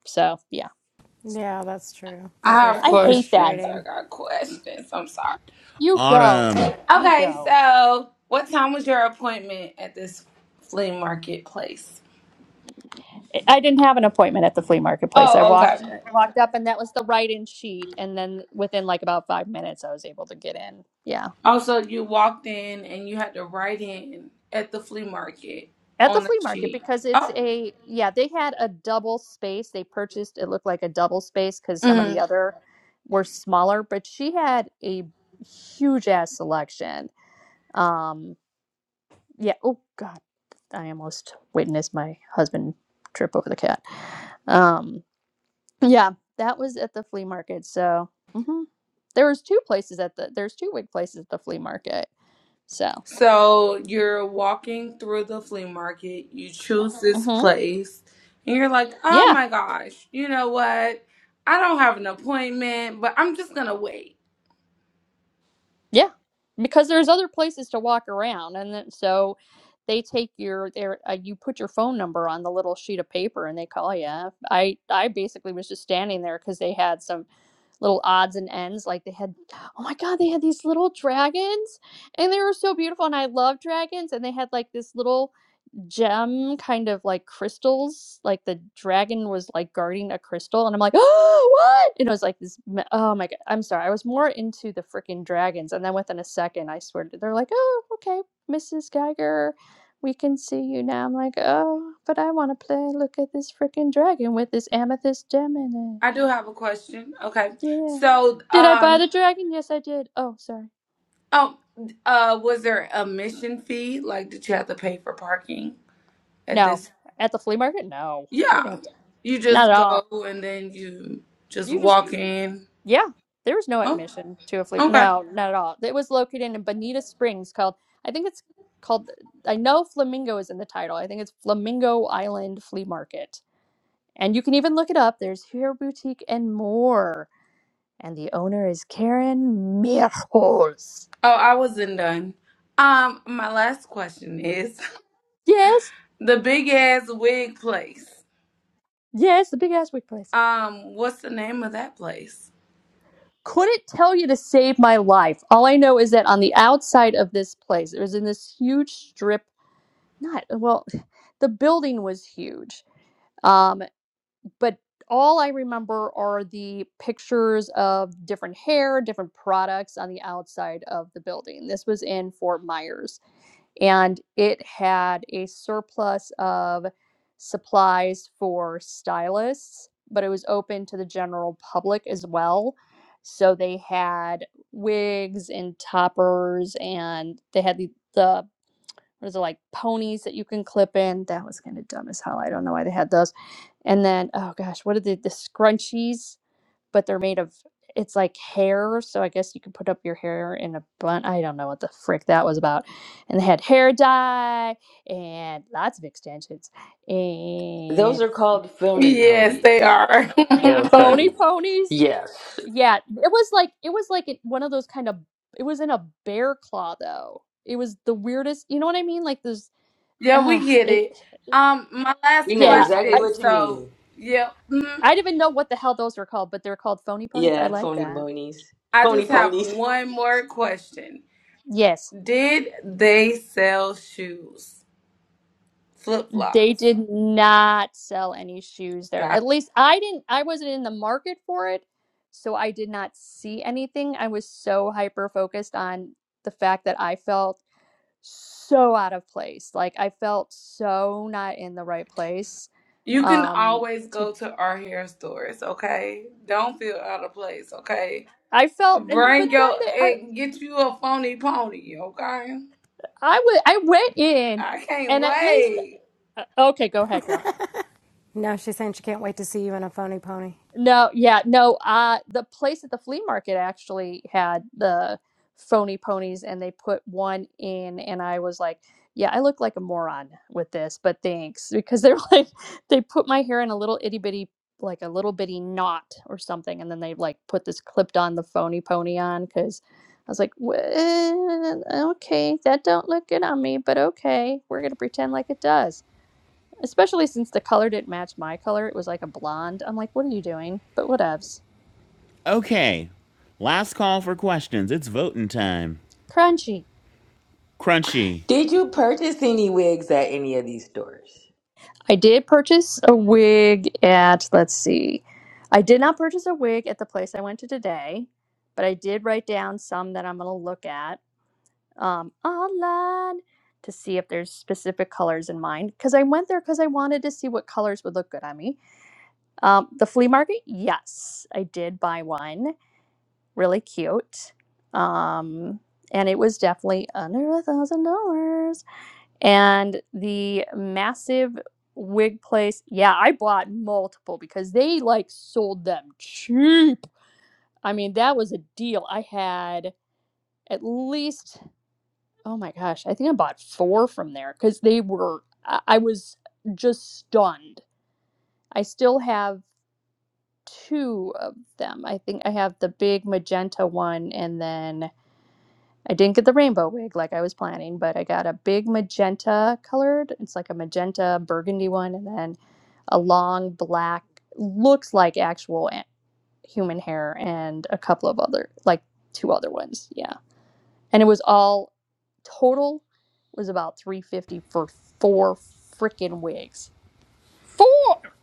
S4: So, yeah.
S6: Yeah, that's true.
S10: I
S6: That
S10: have
S6: does
S4: I
S6: get
S4: hate that.
S10: questions.
S4: But
S10: I
S6: frustrating.
S10: got questions. I'm sorry.
S4: you go.
S2: Autumn.
S4: You
S10: Okay,
S4: go.
S10: so what time was your appointment at this flea market place?
S4: I didn't have an appointment at the flea marketplace. I
S10: Oh,
S4: walked
S10: okay.
S4: I walked up and that was the write-in sheet and then within like about 5 minutes I was able to get in. Yeah.
S10: Also, you walked in and you had to write in at the flea market
S4: At the
S10: on the
S4: flea market
S10: sheet.
S4: because it's
S10: Oh.
S4: a yeah, they had a double space. They purchased it looked like a double space cuz some of
S10: hmm
S4: the other were smaller, but she had a huge ass selection. Um yeah, oh god, I almost witnessed my husband trip over the cat. Um yeah, that was at the flea market. So, mhm. There was two places at the there's two wig places at the flea market. So,
S10: So you're walking through the flea market, you choose this
S4: hmm
S10: place, and you're like, oh
S4: yeah,
S10: my gosh, you know what? I don't have an appointment, but I'm just gonna wait.
S4: yeah, because there's other places to walk around, and then, so they take your their uh, you put your phone number on the little sheet of paper and they call you. I I basically was just standing there because they had some little odds and ends. Like they had, oh my god, they had these little dragons, and they were so beautiful, and I love dragons, and they had like this little gem kind of like crystals like the dragon was like guarding a crystal and i'm like oh what and it was like this me- oh my god i'm sorry i was more into the freaking dragons and then within a second i swear to they're like oh okay mrs geiger we can see you now i'm like oh but i want to play look at this freaking dragon with this amethyst gem in
S10: I do have a question. Okay.
S4: it yeah
S10: So,
S4: did i buy
S10: um,
S4: the dragon yes i did oh sorry
S10: oh, uh, was there a admission fee? Like, did you have to pay for parking at
S4: no
S10: this?
S4: at the flea market no you didn't
S10: Yeah.
S4: have to
S10: You
S4: not
S10: just
S4: at all
S10: go and then you just
S4: you just
S10: walk in.
S4: Yeah, there was no
S10: Oh,
S4: admission to a flea.
S10: okay.
S4: No, not at all. It was located in Bonita Springs, called I think it's called. I know Flamingo is in the title. I think it's Flamingo Island Flea Market, and you can even look it up. There's Hair Boutique and more, and the owner is Karen Mirholz.
S10: Oh, I wasn't done. Um, my last question is (laughs)
S4: Yes,
S10: The big ass wig place.
S4: yes, the big ass wig place.
S10: Um, what's the name of that place?
S4: Couldn't tell you to save my life. All I know is that on the outside of this place, it was in this huge strip. Not well, (sighs) the building was huge. Um, but all I remember are the pictures of different hair, different products on the outside of the building. This was in Fort Myers, and it had a surplus of supplies for stylists, but it was open to the general public as well. So they had wigs and toppers, and they had the, the those are like ponies that you can clip in. That was kind of dumb as hell. I don't know why they had those. And then, oh gosh, what are the, the scrunchies? But they're made of, it's like hair. So I guess you can put up your hair in a bun. I don't know what the frick that was about. And they had hair dye and lots of extensions
S12: (laughs) Those
S4: and
S12: are called phony
S10: Yes,
S12: ponies.
S10: they are.
S12: Yeah,
S10: (laughs)
S4: phony
S12: Sharpie.
S4: ponies.
S12: Yes,
S4: Yeah, it was like, it was like it- one of those kind of, it was in a bear claw though. It was the weirdest, you know what I mean? Like this,
S10: yeah,
S4: uh,
S10: we get
S4: it,
S10: it. Um, my last
S12: we know
S4: yeah,
S12: exactly
S10: question.
S12: what you
S10: So,
S12: mean.
S10: yeah, mm,
S4: I didn't even know what the hell those were called, but they're called phony ponies. I
S12: Yeah,
S4: like
S12: phony
S4: that.
S12: ponies.
S10: I
S12: Phony
S10: just have
S12: ponies.
S10: one more question.
S4: Yes,
S10: Did they sell shoes, flip
S4: they
S10: flops?
S4: did not sell any shoes there.
S10: Got it.
S4: At least I didn't, I wasn't in the market for it, so I did not see anything. I was so hyper focused on the fact that I felt so out of place. Like I felt so not in the right place.
S10: You can
S4: Um,
S10: always
S4: to
S10: go to our hair stores, okay? Don't feel out of place, okay?
S4: I felt, and but
S10: Bring
S4: then
S10: your,
S4: they, I
S10: and get you a phony pony, okay?
S4: I wa- I went in,
S10: I can't
S4: and at least
S10: wait.
S4: uh, okay, go ahead, girl.
S6: No, she's saying she can't wait to see you in a phony pony.
S4: No, yeah, no. Uh, the place at the flea market actually had the phony ponies, and they put one in, and I was like, "Yeah, I look like a moron with this, but thanks," because they're (laughs) like, they put my hair in a little itty bitty, like a little bitty knot or something, and then they like put this clipped on the phony pony on because I was like, "Well, okay, that don't look good on me, but okay, we're gonna pretend like it does." Especially since the color didn't match my color. It was like a blonde. I'm like, what are you doing? But whatevs.
S2: Okay. Last call for questions. It's voting time.
S4: Crunchy.
S2: Crunchy.
S12: Did you purchase any wigs at any of these stores?
S4: I did purchase a wig at, let's see, I did not purchase a wig at the place I went to today, but I did write down some that I'm going to look at um, online to see if there's specific colors in mind. Because I went there because I wanted to see what colors would look good on me. Um, the flea market, yes, I did buy one. really cute. Um, and it was definitely under a thousand dollars. And the massive wig place, yeah, I bought multiple because they like sold them cheap. I mean, that was a deal. I had at least, oh my gosh, I think I bought four from there because they were, I, I was just stunned. I still have two of them. I think I have the big magenta one and then I didn't get the rainbow wig like I was planning, but I got a big magenta colored. It's like a magenta burgundy one, and then a long black, looks like actual human hair, and a couple of other, like two other ones. Yeah. And it was all total was about 350 for four freaking wigs. Four!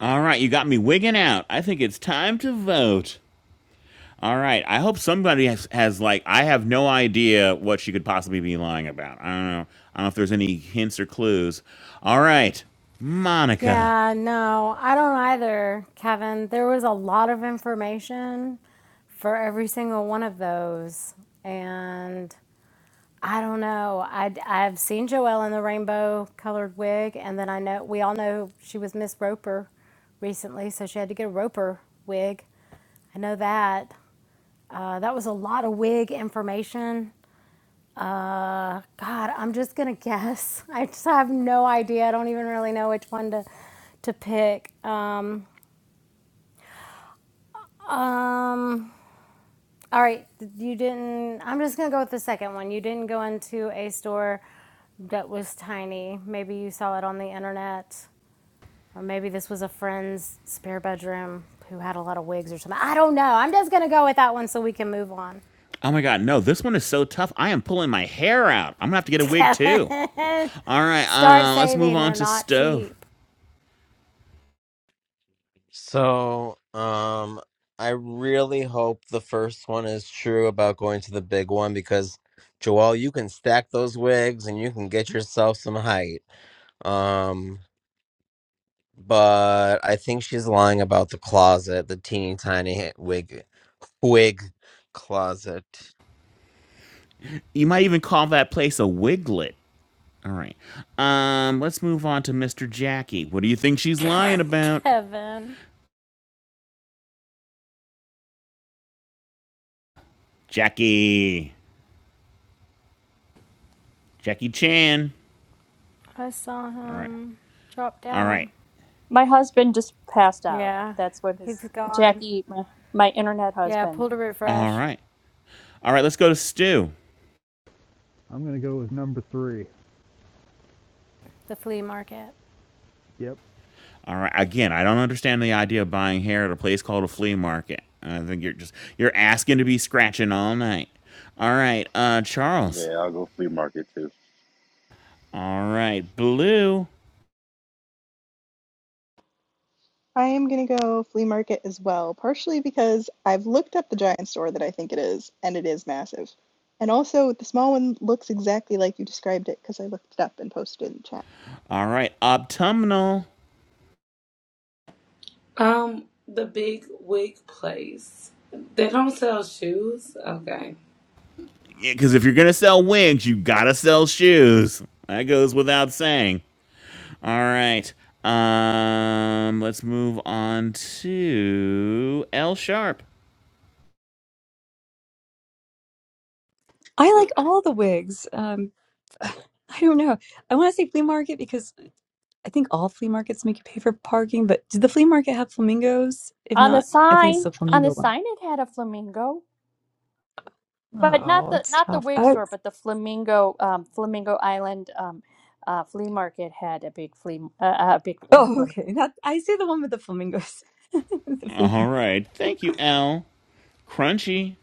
S2: All right, you got me wigging out. I think it's time to vote. All right. I hope somebody has, has like I have no idea what she could possibly be lying about. I don't know. I don't know if there's any hints or clues. All right. Monica.
S6: Yeah, no, I don't either, Kevin. There was a lot of information for every single one of those. And I don't know. I, i have seen Joelle in the rainbow colored wig, and then I know we all know she was Miss Roper recently, so she had to get a Roper wig. I know that. Uh, that was a lot of wig information. Uh, God, I'm just gonna (laughs) guess. I just have no idea. I don't even really know which one to to pick. Um, um, All right, you didn't. I'm just gonna go with the second one. You didn't go into a store that was tiny. Maybe you saw it on the internet, or maybe this was a friend's spare bedroom who had a lot of wigs or something. I don't know. I'm just gonna go with that one so we can move on.
S2: Oh my god, no, this one is so tough. I am pulling my hair out. I'm gonna have to get a wig
S6: Kevin,
S2: too.
S6: (laughs)
S2: All right,
S6: start
S2: uh, let's move
S6: saving.
S2: on
S6: They're
S2: to
S6: not
S2: stove.
S6: cheap.
S1: So, um, I really hope the first one is true about going to the big one because, Joel, you can stack those wigs and you can get yourself some height. Um, but I think she's lying about the closet, the teeny tiny wig, wig closet.
S2: You might even call that place a wiglet. All right. Um, let's move on to Mr. Jackie. What do you think she's lying
S6: (laughs)
S2: about?
S6: Kevin,
S2: Jackie. Jackie Chan.
S6: I saw
S2: All right.
S6: him drop
S2: All right.
S6: down.
S4: My husband just passed out.
S6: Yeah,
S4: That's what his,
S6: he's gone.
S4: Jackie, my, my internet
S6: Yeah,
S4: husband.
S6: pulled a
S2: All
S6: refresh.
S2: right. All right, let's go to Stu.
S3: I'm gonna go with number three.
S6: The flea market.
S3: Yep.
S2: All right. Again, I don't understand the idea of buying hair at a place called a flea market. I think you're just you're asking to be scratching all night. All right, uh Charles.
S7: Yeah, I'll go flea market too.
S2: All right, blue.
S8: I am going to go flea market as well, partially because I've looked up the giant store that I think it is, and it is massive. And also, the small one looks exactly like you described it because I looked it up and posted it in the chat.
S2: All right, autumnal.
S10: Um, the big wig place. They don't sell shoes. Okay.
S2: Yeah, because if you're gonna sell wigs, you gotta sell shoes. That goes without saying. All right. Um, let's move on to L Sharp.
S11: I like all the wigs. Um (sighs) I don't know. I want to say flea market because I think all flea markets make you pay for parking, but did the flea market have flamingos? If
S4: On the
S11: not, I think it's
S4: sign,
S11: the
S4: on the
S11: flamingo one.
S4: sign, it had a flamingo. but not
S11: Oh,
S4: the
S11: it's
S4: not the
S11: tough.
S4: wig
S11: Oh,
S4: store, but the Flamingo um, Flamingo Island um, uh, flea market had a big flea uh, uh, a big uh,
S11: oh,
S4: flamingo.
S11: okay. That I say the one with the flamingos. (laughs) the flea
S2: All
S11: market.
S2: right. Thank you, L. Crunchy.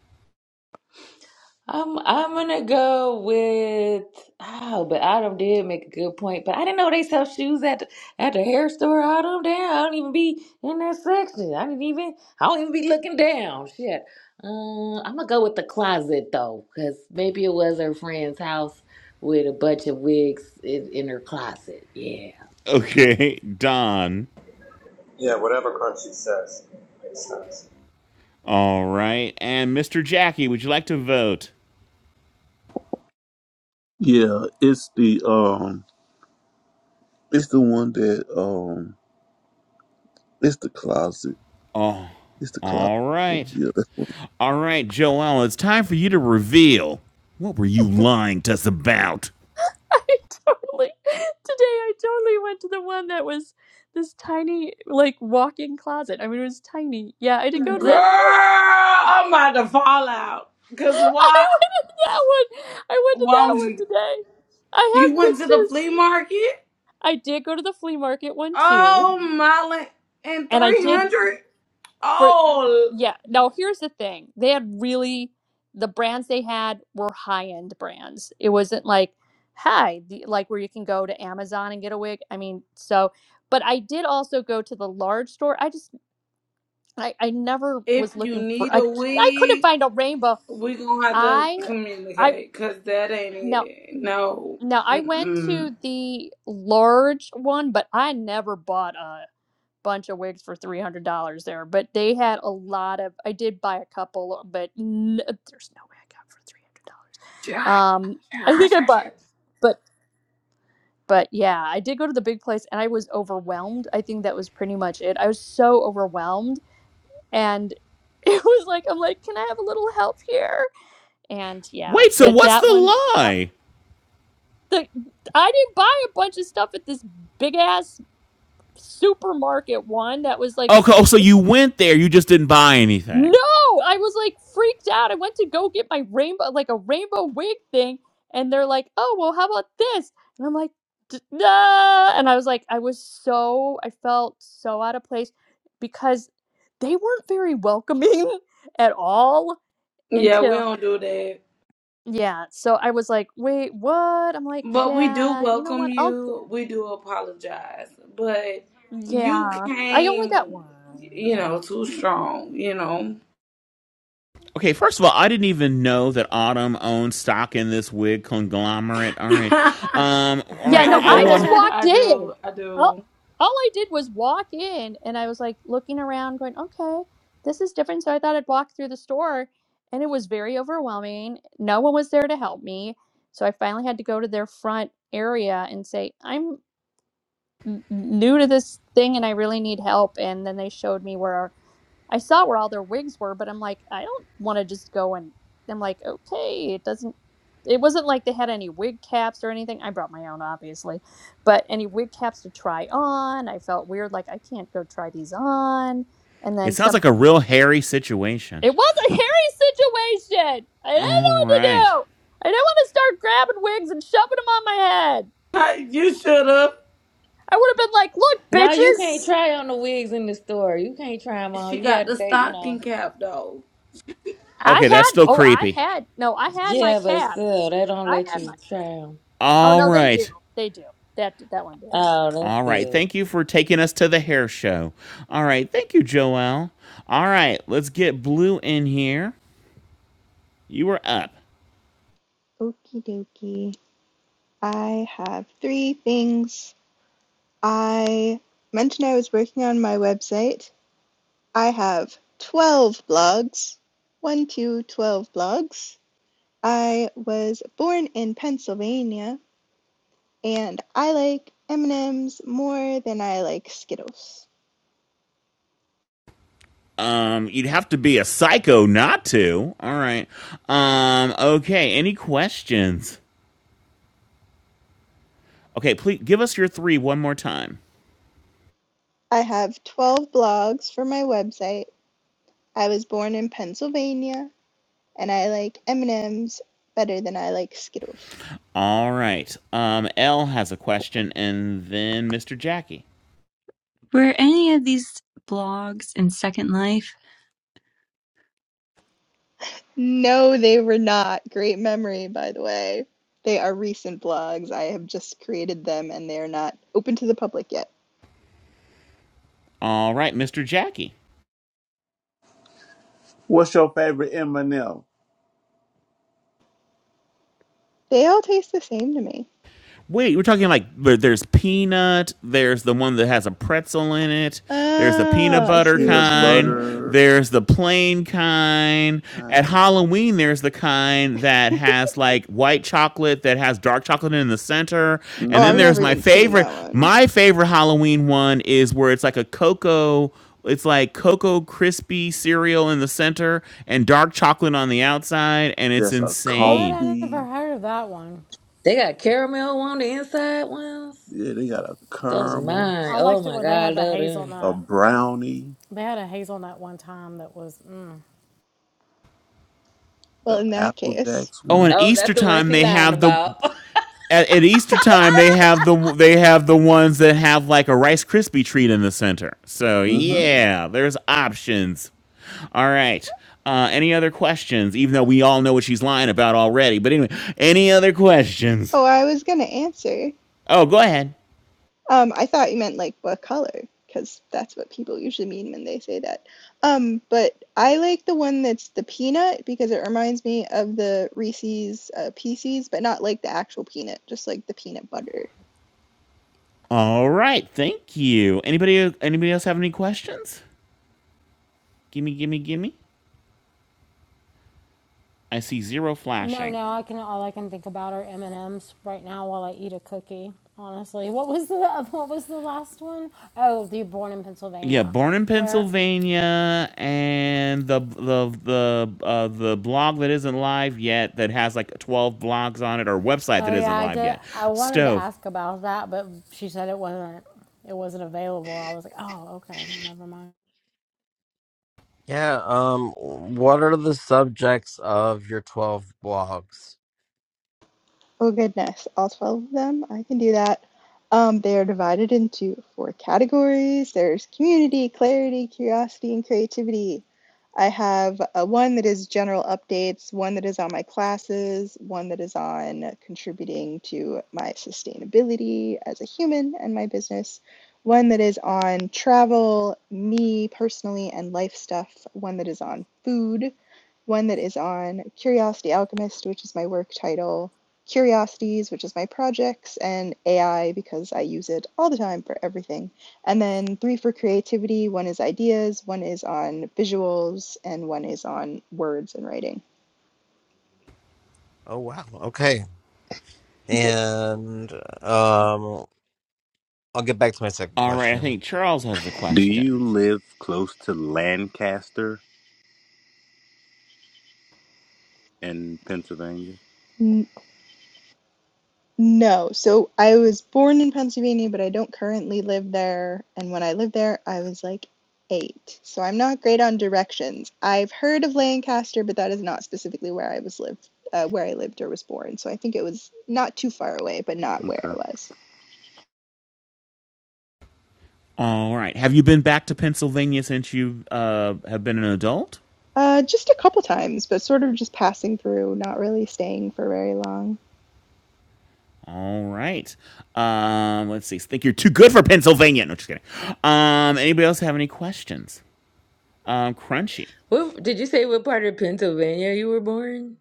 S12: I'm I'm gonna go with oh, but Autumn did make a good point. But I didn't know they sell shoes at the, at the hair store. Autumn, damn, I don't even be in that section. I didn't even I don't even be looking down. Shit. Uh, I'm gonna go with the closet though, because maybe it was her friend's house with a bunch of wigs in, in her closet. Yeah.
S2: Okay, (laughs) Don.
S13: Yeah, whatever Crunchy says makes sense.
S2: All right. And Mr. Jackie, would you like to vote?
S5: Yeah, it's the um, it's the one that um, it's the closet.
S2: Oh,
S5: It's the closet.
S2: all right.
S5: Yeah, that's one.
S2: All right, Joel, it's time for you to reveal. What were you
S4: (laughs)
S2: lying to us about?
S4: I totally today I totally went to the one that was this tiny like walk-in closet. I mean it was tiny. Yeah, I did go to
S10: Girl,
S4: that.
S10: I'm about to fall out.
S4: (laughs) I
S10: Cause why?
S4: went to that one. I went to
S10: Why
S4: that
S10: would
S4: one
S10: you?
S4: today. I
S10: You
S4: have
S10: went to the
S4: pictures.
S10: flea market?
S4: I did go to the flea market one too,
S10: Oh my! And
S4: and I
S10: three
S4: did
S10: hundred.
S4: for
S10: Oh,
S4: yeah. Now here's the thing: they had really the brands they had were high end brands. It wasn't like hi, the, like where you can go to Amazon and get a wig. I mean, so but I did also go to the large store. I just I, I never
S10: if
S4: was
S10: you
S4: looking for
S10: need
S4: I
S10: a
S4: I couldn't
S10: wig,
S4: find a rainbow.
S10: we gonna have to
S4: I I
S10: communicate. Cause that ain't
S4: no.
S10: it. No.
S4: Now I went
S10: Mm-mm.
S4: to the large one, but I never bought a bunch of wigs for three hundred dollars there, but they had a lot of. I did buy a couple, but n- uh, there's no way I got for three hundred dollars.
S10: (laughs) Josh,
S4: Um, I think
S10: Josh,
S4: I
S10: Josh.
S4: bought, but but yeah, I did go to the big place, and I was overwhelmed. I think that was pretty much it. I was so overwhelmed, and (laughs) it was like I'm like, can I have a little help here? And yeah,
S2: Wait, so
S4: but
S2: what's the
S4: that one that.
S2: lie?
S4: The, I didn't buy a bunch of stuff at this big ass supermarket one that was like
S2: Okay, oh, so you went there, you just didn't buy anything.
S4: No, I was like freaked out. I went to go get my rainbow, like a rainbow wig thing, and they're like, "Oh, well, how about this?" And I'm like, "D- "Nah," and I was like, I was so, I felt so out of place because they weren't very welcoming (laughs) at all
S10: Yeah, we
S4: until,
S10: don't do that.
S4: yeah. So I was like, "Wait, what?" I'm like,
S10: But we do
S4: "Yeah, you know
S10: welcome
S4: what? I'll,
S10: you. We do apologize. But you
S4: yeah, I only got
S10: came,
S4: one."
S10: you
S4: yeah."
S10: know, too strong, you know.
S2: Okay, first of all, I didn't even know that Autumn owned stock in this wig conglomerate. All right.
S10: (laughs)
S2: Um,
S6: (laughs)
S2: all
S4: Yeah,
S2: right,
S10: I
S4: no,
S2: I
S4: I just
S2: want
S10: do.
S6: All
S4: walked
S10: I
S4: in.
S10: do. I
S4: All,
S10: do.
S4: all I did was walk in and I was like looking around, going, okay, this is different. So I thought I'd walk through the store and it was very overwhelming. No one was there to help me. So I finally had to go to their front area and say, I'm n- new to this thing and I really need help. And then they showed me where. I saw where all their wigs were, but I'm like, I don't want to just go and I'm like, okay, it doesn't. It wasn't like they had any wig caps or anything. I brought my own, obviously, but any wig caps to try on. I felt weird, like I can't go try these on. And
S2: It
S4: then
S2: sounds
S4: some.
S2: like a real hairy situation.
S4: It was a hairy situation. I didn't
S2: All
S4: know what to
S2: right.
S4: do. I didn't want to start grabbing wigs and shoving them on my head.
S10: (laughs) You should have.
S4: I would have been like, look,
S12: Now you can't
S4: bitches.
S12: try on the wigs in the store. You can't try them on.
S10: She
S12: You
S10: got the
S12: got they, you
S10: stocking
S12: know.
S10: cap, though.
S2: Okay, that's
S4: I had.
S2: still
S4: Oh, I
S2: creepy.
S4: had. No, I had my
S12: Yeah, but
S4: cap.
S12: still, they don't
S4: I
S12: let
S4: had.
S12: you try them.
S4: Oh
S2: All
S4: no, they do.
S2: right.
S4: They do. That that one did.
S12: Oh, that's
S2: All right.
S12: good.
S2: Thank you for taking us to the hair show. All right. Thank you, Joelle. All right, let's get Blue in here. You were up.
S8: Okie dokie. I have three things. I mentioned I was working on my website. I have 12 blogs. One, two twelve blogs. I was born in Pennsylvania, and I like M&Ms more than I like Skittles.
S2: Um, you'd have to be a psycho not to. All right. Um, okay, any questions? Okay, please give us your three one more time.
S8: I have 12 blogs for my website. I was born in Pennsylvania and I like M&Ms better than I like Skittles.
S2: All right. Um, L has a question, and then Mr. Jackie.
S11: Were any of these blogs in Second Life?
S8: No, they were not. Great memory, by the way. They are recent blogs. I have just created them and they are not open to the public yet.
S2: All right, Mr. Jackie.
S5: What's your favorite M and M?
S8: They all taste the same to me.
S2: Wait, we're talking like there- there's peanut. There's the one that has a pretzel in it. There's the peanut
S8: Oh,
S5: There's
S8: I
S2: butter
S8: see what
S5: peanut
S8: you
S2: kind.
S8: mean.
S5: butter.
S2: There's the plain kind. At
S5: Uh,
S2: Halloween, there's the kind that has like white chocolate that has dark chocolate in the center. And
S8: Oh,
S2: then
S8: I've
S5: mm-hmm.
S2: there's
S8: never
S2: my
S8: even seen
S2: favorite.
S8: that one.
S2: My favorite Halloween one is where it's like a cocoa. It's like cocoa crispy cereal in the center and dark chocolate on the outside, and it's
S5: There's a
S6: What?
S2: insane.
S6: I never
S5: coffee.
S6: heard of that one.
S12: They got caramel on the inside ones.
S5: Yeah, they got a
S12: Those
S5: caramel,
S12: mine.
S6: I
S12: Oh
S6: liked it
S12: my
S6: when
S12: god,
S6: they
S12: I
S6: had the
S12: love them.
S5: a
S6: hazelnut.
S5: brownie,
S6: They had a hazelnut one time that was. Mm.
S8: Well,
S5: the
S8: in that
S5: Apple
S8: case.
S5: Jacks
S2: Oh, and
S5: one.
S12: Oh,
S2: Easter
S12: that's the one
S2: time
S12: she
S2: they
S12: lying
S2: have the
S12: about.
S2: at, at Easter time they have the they have the ones that have like a Rice Krispie treat in the center. So
S5: Mm-hmm.
S2: yeah, there's options. All right. Uh, any other questions? Even though we all know what she's lying about already, but anyway, any other questions?
S8: Oh, I was going to answer.
S2: Oh, go ahead.
S8: Um, I thought you meant like what color, because that's what people usually mean when they say that. Um, but I like the one that's the peanut because it reminds me of the Reese's uh, Pieces, but not like the actual peanut, just like the peanut butter.
S2: All right, thank you. anybody Anybody else have any questions? Gimme, gimme, gimme. I see zero
S6: No,
S2: flashing.
S6: now I can all I can think about are M and M's right now while I eat a cookie. Honestly, what was the (laughs) what was the last one? Oh, the Born in
S2: yeah,
S6: Pennsylvania,
S2: born in
S6: where
S2: Pennsylvania, and the the the uh, the blog that isn't live yet that has like twelve blogs on it or website that
S6: oh yeah,
S2: isn't
S6: I
S2: live
S6: did.
S2: yet.
S6: I wanted to
S2: Stove.
S6: ask about that, but she said it wasn't it wasn't available. I was like, oh okay, well never mind.
S1: Yeah. Um, what are the subjects of your twelve blogs?
S8: Oh goodness, all 12 of them? I can do that. Um, they are divided into four categories. There's community, clarity, curiosity, and creativity. I have uh, one that is general updates, one that is on my classes, one that is on contributing to my sustainability as a human and my business, one that is on travel, me personally, and life stuff, one that is on food, one that is on Curiosity Alchemist, which is my work title, Curiosities, which is my projects, and AI because I use it all the time for everything. And then three for creativity one is ideas, one is on visuals, and one is on words and writing.
S1: Oh wow. Okay. And um, I'll get back to my second
S2: All right, I
S1: question.
S2: think Charles has a
S7: Do you
S2: question.
S7: live close to Lancaster in Pennsylvania?
S8: (laughs) no, so I was born in Pennsylvania, but I don't currently live there. And when I lived there, I was like eight. So I'm not great on directions. I've heard of Lancaster, but that is not specifically where I was lived, uh, where I lived or was born. So I think it was not too far away, but not where
S7: Okay.
S8: I was.
S2: All right, have you been back to Pennsylvania since you uh, have been an adult?
S8: Uh, just a couple times, but sort of just passing through, not really staying for very long.
S2: All right. Um, let's see. Think you're too good for Pennsylvania? No, just kidding. Um, anybody else have any questions? Um, crunchy,
S12: (laughs) what did you say? What part of Pennsylvania you were born?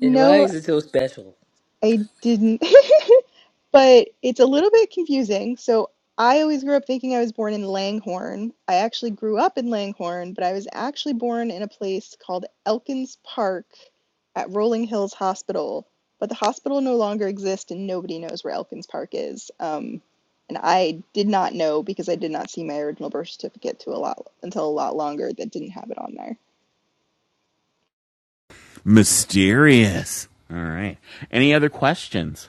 S12: And why
S8: No,
S12: is it so special?
S8: I didn't, (laughs) but it's a little bit confusing. So I always grew up thinking I was born in Langhorne. I actually grew up in Langhorne, but I was actually born in a place called Elkins Park at Rolling Hills Hospital. But the hospital no longer exists, and nobody knows where Elkins Park is. Um, and I did not know because I did not see my original birth certificate to a lot until a lot longer that didn't have it on there.
S2: mysterious. All right. Any other questions?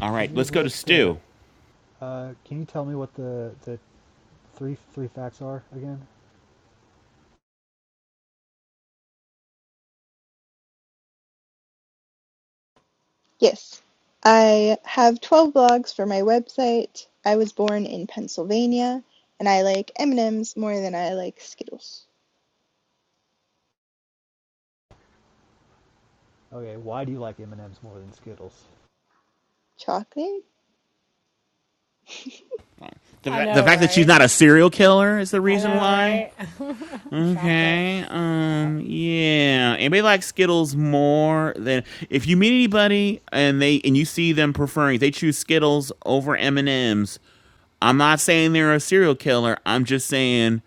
S2: All
S3: Can
S2: right,
S3: you
S2: let's go to
S3: list the?
S2: Stu.
S3: Uh, can you tell me what the the three three facts are again?
S8: Yes. I have 12 blogs for my website. I was born in Pennsylvania and I like M&Ms more than I like Skittles.
S3: Okay, why do you like M and M's more than Skittles?
S8: Chocolate?
S2: The,
S6: I
S2: fa- the
S6: know,
S2: fact that she's
S6: right?
S2: not a serial killer is the
S6: I
S2: reason
S6: know,
S2: why.
S6: right? (laughs)
S3: Ha,
S6: Chocolate.
S2: Okay.
S3: ha,
S2: Um. Yeah. Anybody like Skittles more than if you meet anybody and they and you see them preferring they choose Skittles over M and M's. I'm not saying they're a serial killer. I'm just saying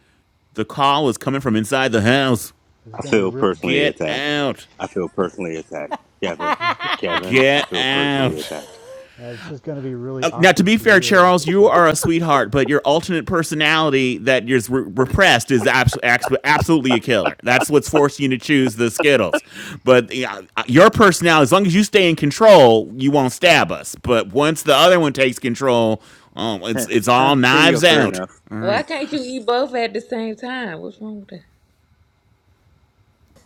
S2: the call is coming from inside the house.
S3: it's
S7: I
S3: gonna be
S7: feel
S3: re-
S7: personally
S2: Get
S7: attacked.
S2: out.
S7: I feel personally attacked. Kevin,
S3: is
S7: Kevin, I
S6: (laughs)
S2: Get
S7: feel personally
S2: out.
S7: attacked.
S3: yeah, this is gonna be really
S2: Uh, now, to
S3: awkward
S2: be
S3: for
S2: fair,
S3: you if
S2: Charles,
S3: it's
S2: you are
S3: right.
S2: a sweetheart, but your alternate personality that is re- repressed is abs- abs- absolutely a killer. That's what's forcing you to choose the Skittles. But yeah, uh, your personality, as long as you stay in control, you won't stab us. But once the other one takes control, um,
S7: (laughs) Heh,
S2: it's it's
S7: huh,
S2: all
S7: there you go.
S2: knives
S7: Fair
S2: out.
S7: enough.
S2: All
S12: Why
S2: right,
S12: can't you eat both at the same time? What's wrong with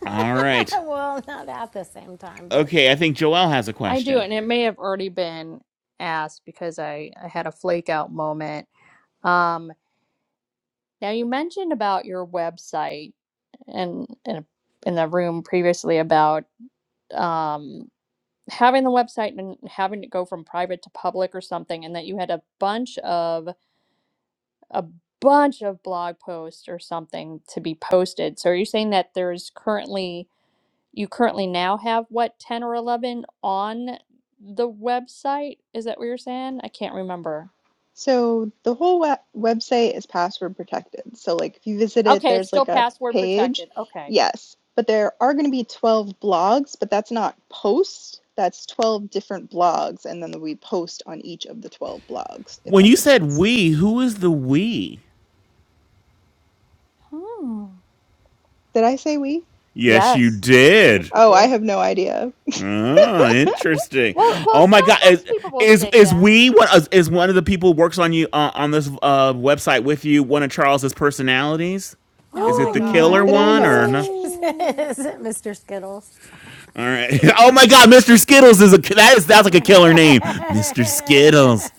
S2: all
S6: (laughs)
S2: right,
S6: well, not at the same time, but
S2: okay. I think Joelle has a
S4: I do,
S2: question.
S4: and it may have already been asked because I, I had a flake out moment. Um, now you mentioned about your website and and in the room previously about um having the website and having it go from private to public or something, and that you had a bunch of a bunch of blog posts or something to be posted. So are you saying that there's currently you currently now have what 10 or 11 on the website is that what you're saying i can't remember
S8: So the whole we- website is password protected. So like if you visit it
S4: okay it's
S8: there's
S4: still
S8: like a
S4: password protected
S8: page.
S4: okay
S8: Yes, but there are going to be 12 blogs, but that's not posts. That's 12 different blogs and then we post on each of the 12 blogs if
S2: When
S8: that
S2: you
S8: makes
S2: said
S8: sense.
S2: we, who is the we?
S4: hmm.
S8: Did I say we?
S2: Yes, you
S4: yes yes
S2: did.
S4: you
S8: Oh, I
S4: did
S8: have no idea.
S2: Oh, interesting.
S4: well well
S2: Oh my God, is
S4: sometimes people will
S2: is,
S4: say
S2: is
S4: that
S2: we one is is one of the people who works on you uh, on this uh, website with you one of Charles's personalities?
S4: (gasps)
S6: oh
S2: Is
S6: my
S2: it the
S8: Not
S2: killer
S6: God,
S8: that I
S2: one
S8: know
S6: it's
S8: of.
S2: or no?
S6: because (laughs) it
S4: oh
S6: isn't Mr. Skittles.
S2: All right. (laughs) Oh my God, Mr. Skittles is a that is that's
S6: (laughs)
S2: like a killer name, Mr. Skittles.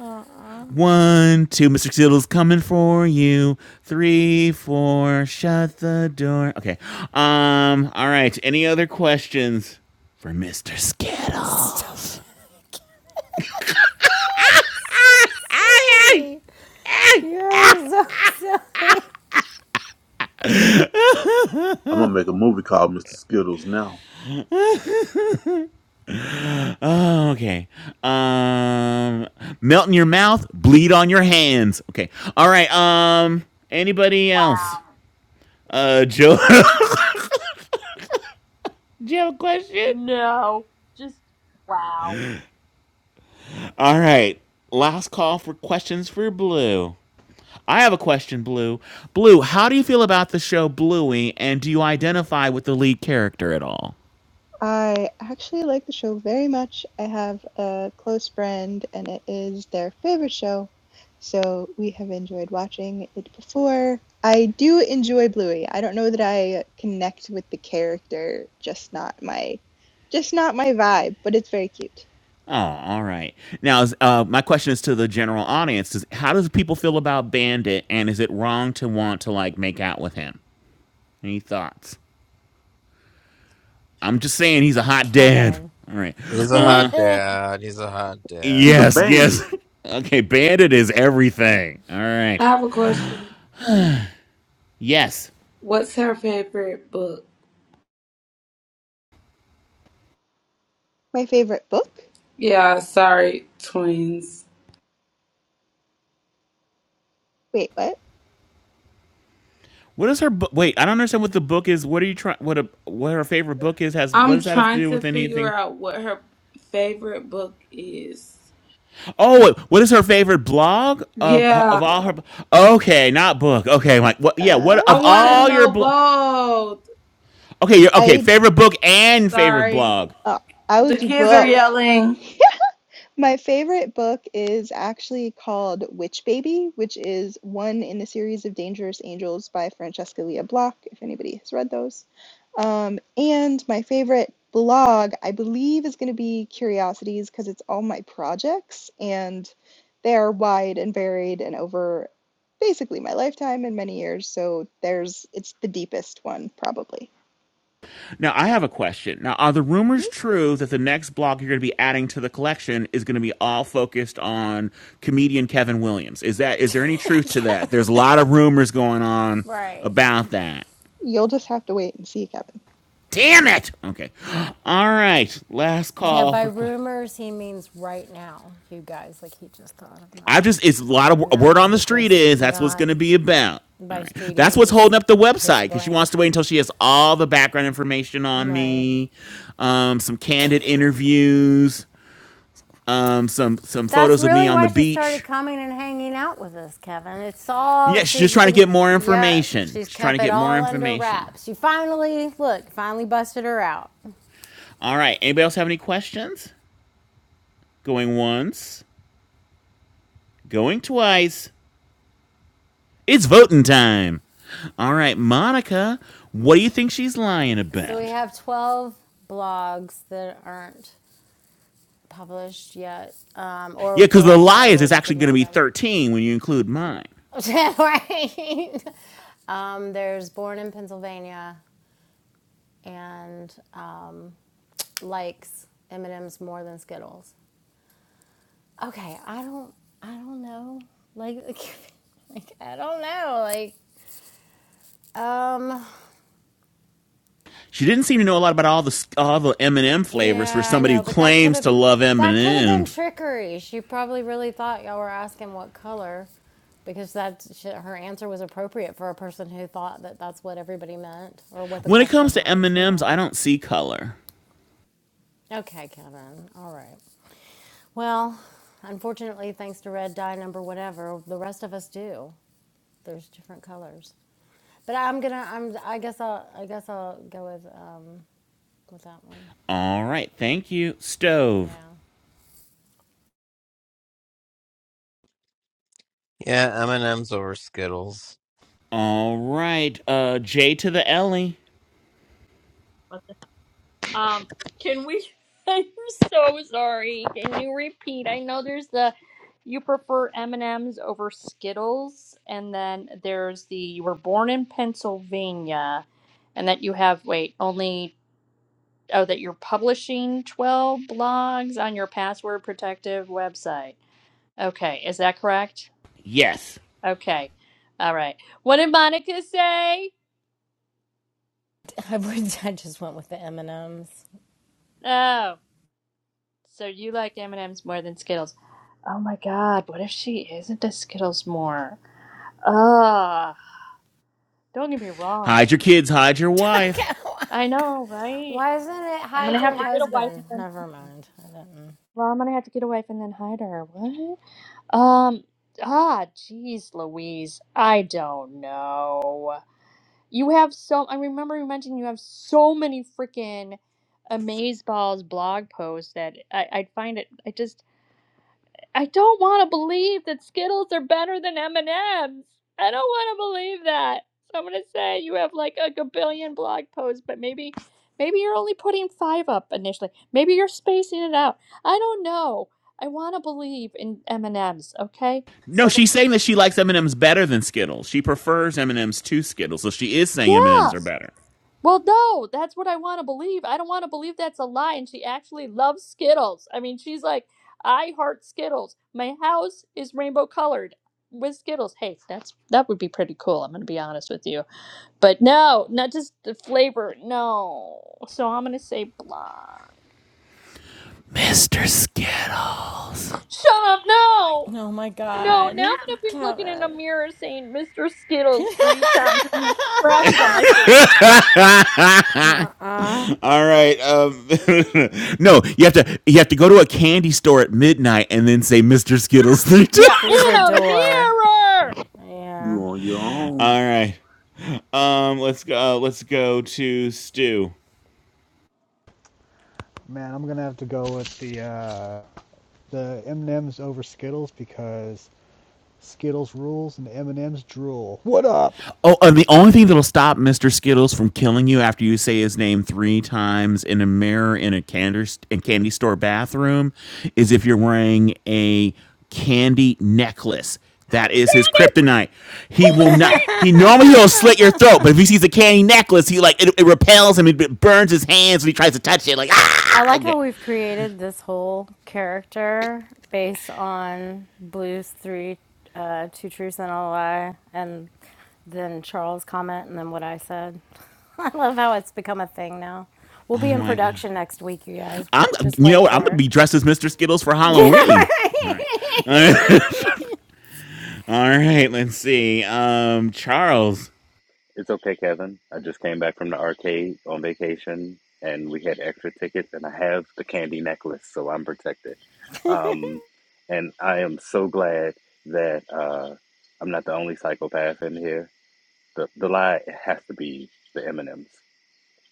S6: Uh-uh.
S2: One, two, Mr. Skittles coming for you. Three, four, shut the door. Okay. Um. All right. Any other questions for Mr.
S6: Stop
S2: Skittles?
S6: it. (laughs) so
S2: Aye, aye.
S6: silly. You're so silly.
S5: I'm gonna make a movie called Mr. Skittles now.
S2: Oh, okay. Um, melt in your mouth, bleed on your hands. Okay. All right. Um, anybody
S4: wow
S2: else? Uh, Joe. (laughs) Do you have a question?
S4: no just wow
S2: All right. Last call for questions for Blue. I have a question, Blue. Blue, how do you feel about the show Bluey, and do you identify with the lead character at all?
S8: I actually like the show very much. I have a close friend, and it is their favorite show, so we have enjoyed watching it before. I do enjoy Bluey. I don't know that I connect with the character, just not my just not my vibe, but it's very cute.
S2: Oh, all right. Now, uh, my question is to the general audience: is How does people feel about Bandit, and is it wrong to want to like make out with him? Any thoughts? I'm just saying he's a hot dad.
S6: Kevin.
S2: All right.
S1: He's a hot
S2: Uh
S6: (laughs)
S1: dad. He's a hot
S5: He's a
S1: dad.
S2: yes, yes.
S5: bandit.
S2: (laughs) okay, Bandit is everything. All
S10: I
S2: right.
S10: have a question.
S2: Yes.
S10: What's her favorite book?
S8: My favorite book?
S10: Yeah, sorry, twins.
S8: Wait, what?
S2: What is her book? Wait, I don't understand what the book is. What are you trying? What a what her favorite book is has? What
S10: I'm
S2: does that have to
S10: trying
S2: do
S10: to
S2: with
S10: figure
S2: anything?
S10: out what her favorite book is.
S2: Oh, what is her favorite blog of of
S10: Yeah,
S2: all her? Okay, not book. Okay, like what? Yeah, what
S10: I
S2: of
S10: want to
S2: all
S8: Oh,
S2: your
S10: know
S2: blog?
S10: both.
S2: Okay, your okay
S8: I
S2: favorite book and favorite
S10: Sorry.
S2: blog.
S8: oh, I
S10: The
S8: would do
S10: kids are
S8: both.
S10: yelling.
S8: (laughs) My favorite book is actually called Witch Baby, which is one in the series of Dangerous Angels by Francesca Leah Block, if anybody has read those. Um, and my favorite blog, I believe, is going to be Curiosities because it's all my projects and they are wide and varied and over basically my lifetime and many years. So there's it's the deepest one probably.
S2: Now, I have a question. Now, are the rumors
S8: Mm-hmm.
S2: true that the next block you're going to be adding to the collection is going to be all focused on comedian Kevin Williams? Is that is there any truth to that? There's a lot of rumors going on
S6: right.
S2: about that.
S8: You'll just have to wait and see, Kevin.
S2: Damn it. Okay. All right. Last
S6: Yeah,
S2: call
S6: by
S2: for questions.
S6: rumors, he means right now, you guys. Like, he just thought of
S2: I
S6: that.
S2: just it's a lot of a
S6: No,
S2: word on the
S6: he
S2: street
S6: just
S2: is that's what's
S6: not
S2: going to be about. All
S6: By
S2: right.
S6: street, he
S2: That's what's
S6: means
S2: holding up the
S6: his
S2: website because she
S6: brain.
S2: wants to wait until she has all the background information on
S6: Right.
S2: me, um, some candid interviews um, some some
S6: That's
S2: photos of me
S6: really
S2: on the
S6: why she started
S2: beach.
S6: coming and hanging out with us, Kevin. It's
S2: Yeah,
S6: all
S2: she's just
S6: she's
S2: trying to
S6: been,
S2: get more
S6: yeah,
S2: information.
S6: she's
S2: She's trying to
S6: kept it
S2: get more
S6: all under
S2: information.
S6: wraps. She finally, look, finally busted her out.
S2: All right. Anybody else have any questions? Going once, going twice. It's voting time. All right, Monica, what do you think she's lying
S6: So we
S2: about?
S6: have 12 blogs that aren't published yet, um, or
S2: Yeah, because the
S6: where,
S2: lie
S6: sorry,
S2: is
S6: where
S2: it's
S6: we
S2: actually
S6: can
S2: going to
S6: read
S2: be
S6: them.
S2: 13 when you include mine.
S6: (laughs) right. Um, there's Born in Pennsylvania and um, likes M and M's more than Skittles. Okay, I don't, I don't know. Like, (laughs) like I don't know. Like, um,
S2: She didn't seem to know a lot about all the all the M&M flavors for
S6: yeah, I
S2: somebody who
S6: know, but that could
S2: claims
S6: have,
S2: to love
S6: that could have been
S2: M&Ms.
S6: trickery. She probably really thought y'all were asking what color, because that she, her answer was appropriate for a person who thought that that's what everybody meant or what the
S2: When it
S6: question
S2: comes to
S6: was. You
S2: M&Ms,
S6: know.
S2: I don't see color.
S6: Okay, Kevin. All right. Well, unfortunately, thanks to red dye number whatever, the rest of us do. There's different colors. But I'm gonna. I'm. I guess I'll. I guess I'll go with um with that one.
S2: All right. Thank you, Stove.
S6: Yeah.
S1: Yeah, M and M's over Skittles.
S2: All right. Uh, J to the Ellie.
S4: Um, can we? (laughs) I'm so sorry. Can you repeat? I know there's the you prefer M and M's over Skittles, and then there's the you were born in Pennsylvania, and that you have wait only oh that you're publishing twelve blogs on your password protective website. Okay, is that correct?
S2: Yes.
S4: Okay, all right. What did Monica say?
S6: (laughs) I would. I just went with the M and M's.
S4: Oh. So you like M&Ms more than Skittles. Oh my god, what if she isn't a Skittles more? Ugh, don't get me
S2: Hide your
S4: wrong.
S2: kids. Hide your
S6: (laughs)
S2: wife.
S4: I know, right?
S6: Why isn't it
S4: I'm
S6: hide
S4: gonna
S6: your
S4: have to get a wife and
S6: husband?
S4: then
S6: Never
S4: hide her.
S6: mind. I didn't.
S4: Well, I'm gonna have to get a wife and then hide her. What? Um, ah, jeez Louise, I don't know. You have so, I remember you mentioned you have so many freaking Amazeballs blog posts that I, I find it, I just I don't want to believe that Skittles are better than M&Ms. I don't want to believe that. So I'm going to say you have like a gabillion blog posts, but maybe maybe you're only putting 5 up initially. Maybe you're spacing it out. I don't know. I want to believe in M&Ms, okay?
S2: No,
S4: So
S2: she's saying that she likes M and M's better than Skittles. She prefers M and M's to Skittles, so she is saying M and
S4: yeah.
S2: M's are better.
S4: Well, no, that's what I want to believe. I don't want to believe that's a lie. And she actually loves Skittles. I mean, she's like, I heart Skittles. My house is rainbow colored with Skittles. Hey, that's that would be pretty cool. I'm gonna be honest with you, but no, not just the flavor. No, so I'm gonna say blonde.
S2: Mr. Skittles.
S4: Shut up! No,
S6: Oh my
S4: no. Now I'm
S6: God,
S4: gonna be looking in a
S6: Kevin.
S4: mirror saying Mr. Skittles three times. Crashes on my
S6: (laughs)
S4: face.
S6: uh-uh.
S2: All right. Um, (laughs) no, you have to you have to go to a candy store at midnight and then say Mr. Skittles (laughs)
S4: Yeah,
S6: Through
S4: in
S6: the
S4: a
S6: door.
S4: mirror.
S5: You
S6: Yeah.
S5: on your own.
S2: All right. Um, let's go. Uh, let's go to Stu.
S3: Man, I'm gonna have to go with the uh, the M and M's over Skittles because Skittles rules and the M and M's drool. What up?
S2: Oh, and the only thing that'll stop Mr. Skittles from killing you after you say his name three times in a mirror in a candy, in candy store bathroom is if you're wearing a candy necklace. That is his kryptonite. He will
S4: Holy
S2: not.
S4: shit!
S2: He normally he'll slit your throat,
S6: (laughs)
S2: but if he sees a candy necklace, he like it, it repels him. It burns his hands when he tries to touch it. Like
S6: I
S2: ah,
S6: like
S2: okay.
S6: how we've created this whole character based on Blue's three, uh, two truths and a lie, and then Charles' comment, and then what I said. (laughs) I love how it's become a thing now. We'll
S2: Oh
S6: be in
S2: my god.
S6: production next week, you guys.
S2: I'm.
S6: Just
S2: You know
S6: wait
S2: what? I'm gonna
S6: for
S2: be dressed as Mr. Skittles for
S6: it.
S2: Halloween. All right. (laughs) All right.
S6: (laughs)
S2: All right, let's see. Um, Charles.
S7: It's okay, Kevin. I just came back from the arcade on vacation and we had extra tickets and I have the candy necklace, so I'm protected. Um, and I am so glad that uh, I'm not the only psychopath in here The the lie has to be the M and M's.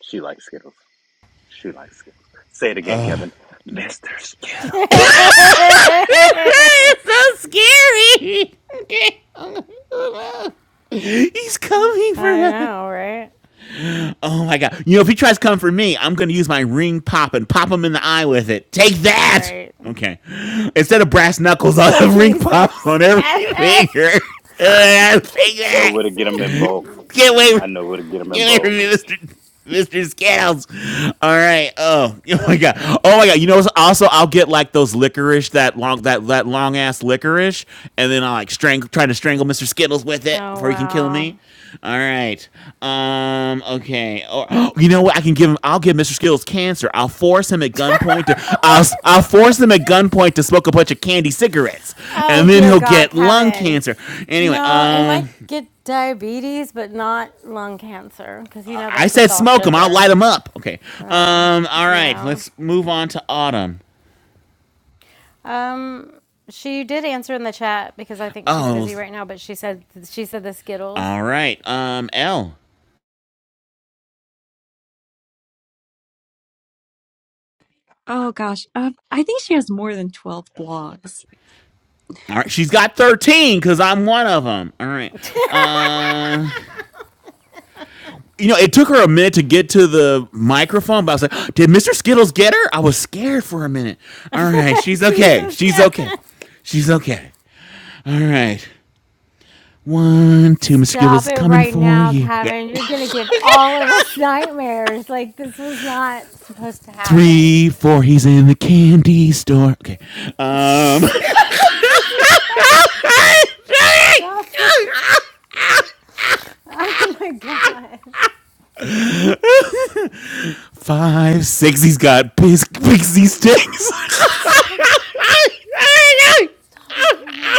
S7: She likes Skittles. She likes Skittles. Say it again, Kevin. Mister Skittles.
S2: (laughs) it's so scary. okay. (laughs) He's coming for
S6: I
S2: us.
S6: know, right?
S2: Oh my god. You know, if he tries to come for me, I'm gonna use my ring pop and pop him in the eye with it. Take that!
S6: Right.
S2: Okay. Instead of brass knuckles, (laughs) I'll
S6: So
S2: have ring pop
S6: Jesus,
S2: on every
S6: Cafe, I
S2: finger. (laughs)
S6: could
S2: take
S7: I know
S2: that!
S7: where to
S6: just
S7: get
S6: see.
S7: them in
S6: him.
S7: bulk.
S2: Get away.
S7: I know where to get them in
S2: Get away from me,
S7: bulk.
S2: Mr. Mr. Skittles. All right. Oh, (laughs) oh my god. Oh my god. You know, what's- also I'll get like those licorice, that long, that that long ass licorice, and then I like strangle, try to strangle Mr. Skittles with it
S6: Oh
S2: before he can kill
S6: wow.
S2: me. All right. Um. Okay. Or (gasps) you know what? I can give him. I'll give Mr. Skittles cancer. I'll force him at gunpoint to. I'll I'll force him at gunpoint to smoke a bunch of candy cigarettes,
S6: Oh
S2: and then
S6: dear
S2: he'll
S6: God,
S2: get lung
S6: Kevin.
S2: cancer. Anyway.
S6: No, it
S2: Um.
S6: might get diabetes, but not lung cancer, because you know
S2: I
S6: that's just
S2: said
S6: all
S2: smoke them. I'll
S6: sugar.
S2: light them up. Okay. Um. All right.
S6: No.
S2: Let's move on to Autumn.
S6: Um, she did answer in the chat because I think she's
S2: Oh.
S6: busy right now, but she said she said the Skittles.
S2: All right. Um. L.
S11: Oh gosh, uh, I think she has more than twelve blogs.
S2: All right. She's got thirteen because I'm one of them. All right. Uh. You know, it took her a minute to get to the microphone, but I was like, "Did Mr. Skittles get her?" I was scared for a minute.
S6: (laughs)
S2: All right. She's okay.
S6: Jesus,
S2: She's okay.
S6: Kevin.
S2: She's okay. All right. One, two, Mr.
S6: Stop
S2: Skittles
S6: it
S2: coming
S6: right
S2: for
S6: now,
S2: you. Yeah.
S6: Kevin. You're gonna give all of us nightmares. Like this was not supposed to happen.
S2: Three, four, he's in the candy store. Okay.
S6: (laughs)
S2: Um,
S6: Jesus Christ. Stop it. (laughs) Oh my god.
S2: Five, six. He's got pixie sticks. (laughs)
S6: Stop.
S2: Oh
S6: Stop it, Kevin.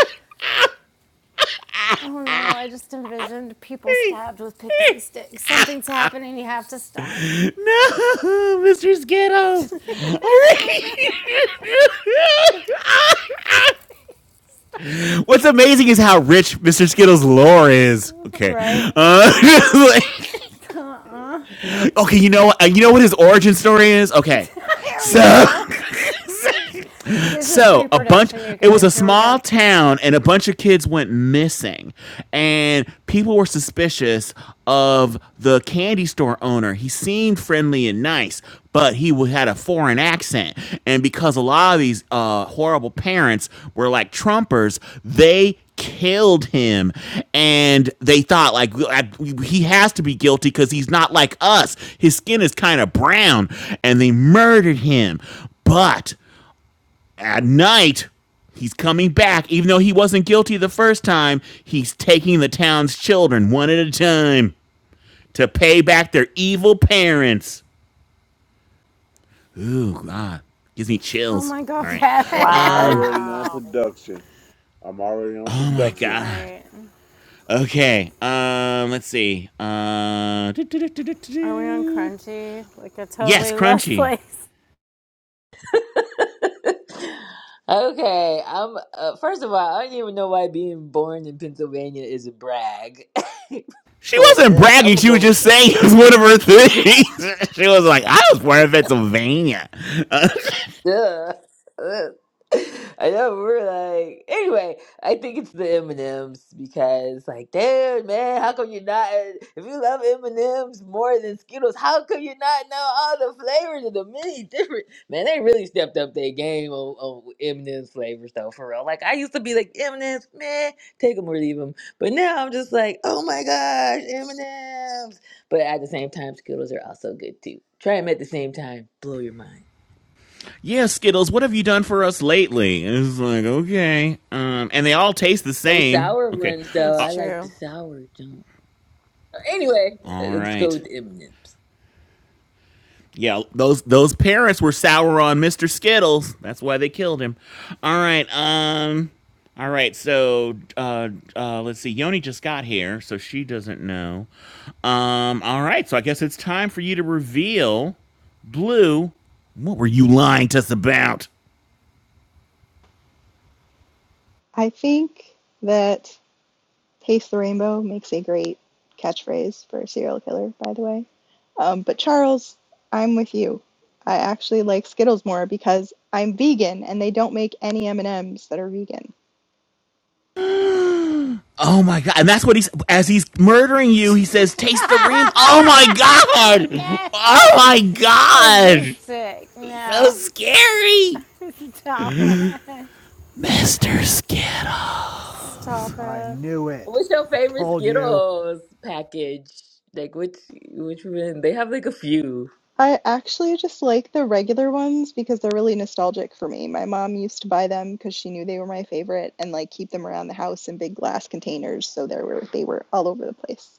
S6: Oh no, I just envisioned people stabbed with pixie sticks. Something's happening, you have to stop.
S2: my God. (laughs) no, Mr.
S6: (laughs)
S2: Skittles. (laughs) What's amazing is how rich Mr. Skittles' lore is. Okay.
S6: Right?
S2: Uh, (laughs) like-
S6: Uh-uh.
S2: okay, you know You know what his origin story is?
S6: (laughs)
S2: Okay.
S6: Here we
S2: So (laughs)
S6: go. Here- This is
S2: So a bunch.
S6: pre-production, you
S2: It was a
S6: guys. Here we
S2: small
S6: go.
S2: town, and a bunch of kids went missing, and people were suspicious of the candy store owner. He seemed friendly and nice, but he w- had a foreign accent. And because a lot of these uh, horrible parents were like Trumpers, they killed him and they thought like I- he has to be guilty because he's not like us his skin is kind of brown and they murdered him but at night he's coming back even though he wasn't guilty the first time he's taking the town's children one at a time to pay back their evil parents ooh god gives me
S6: Oh
S2: chills
S6: my
S2: all
S6: god,
S2: right
S6: Kevin. (laughs)
S5: I'm
S2: um
S5: already on
S4: Wow.
S5: production. I'm already on
S2: oh my
S6: All
S5: production.
S2: god
S6: right.
S2: okay um let's see uh
S6: Are we on
S2: do-do-do-do-do-do.
S6: Crunchy? Like a
S2: yes
S6: totally lost
S2: crunchy
S6: place.
S12: that? (laughs) okay, I'm. Uh, first of all, I don't even know why being born in Pennsylvania is a brag, (laughs)
S2: she
S12: but
S2: wasn't
S12: uh, I'm
S2: bragging.
S12: gonna
S2: She
S12: go
S2: was
S12: with.
S2: just saying (laughs) it was one of her
S12: (laughs)
S2: things. (laughs) she was like, I was born in Pennsylvania. (laughs) Uh,
S12: Duh. (laughs) Ugh. I know we're like anyway. I think it's the M and M's because like, dude, man, how come you're not? If you love M and M's more than Skittles, how come you not know all the flavors of the many different? Man, they really stepped up their game on, on M and M's flavors though, for real. Like I used to be like M and M's, man, take them or leave them, but now I'm just like, oh my gosh, M and M's. But at the same time, Skittles are also good too. Try them at the same time, blow your mind.
S2: yeah, Skittles, what have you done for us lately? And it's like, okay. Um, and they all taste the
S12: Those
S2: same.
S12: sour
S2: Okay.
S12: ones, though.
S6: That's
S2: Uh,
S12: I like the
S6: true.
S12: sour junk. Anyway,
S2: all
S12: let's go
S2: right.
S12: with m Nips.
S2: Yeah, those those parents were sour on Mr. Skittles. That's why they killed him. All right. Um all right. So, uh uh let's see. Yoni just got here, so she doesn't know. Um all right. So I guess it's time for you to reveal Blue, what were you lying to us about?
S8: I think that Taste the Rainbow makes a great catchphrase for a serial killer, by the way. Um, but Charles, I'm with you. I actually like Skittles more because I'm vegan and they don't make any M&Ms that are vegan.
S2: Oh my god! And that's what he's as he's murdering
S6: (laughs)
S2: you. He says,
S6: (laughs)
S2: "Taste the rainbow." Oh my god! Oh
S6: Kevin.
S2: my
S6: This is
S2: god!
S6: sick.
S2: So
S6: No.
S2: scary,
S6: (laughs) Stop it.
S2: Mister Skittle.
S6: Stop
S3: I
S6: it,
S3: knew it!
S12: What's your
S3: I
S12: favorite
S3: told you!
S12: Skittles package? Like, which which one? They have like a few.
S8: I actually just like the regular ones because they're really nostalgic for me. My mom used to buy them because she knew they were my favorite and like keep them around the house in big glass containers so they were they were all over the place.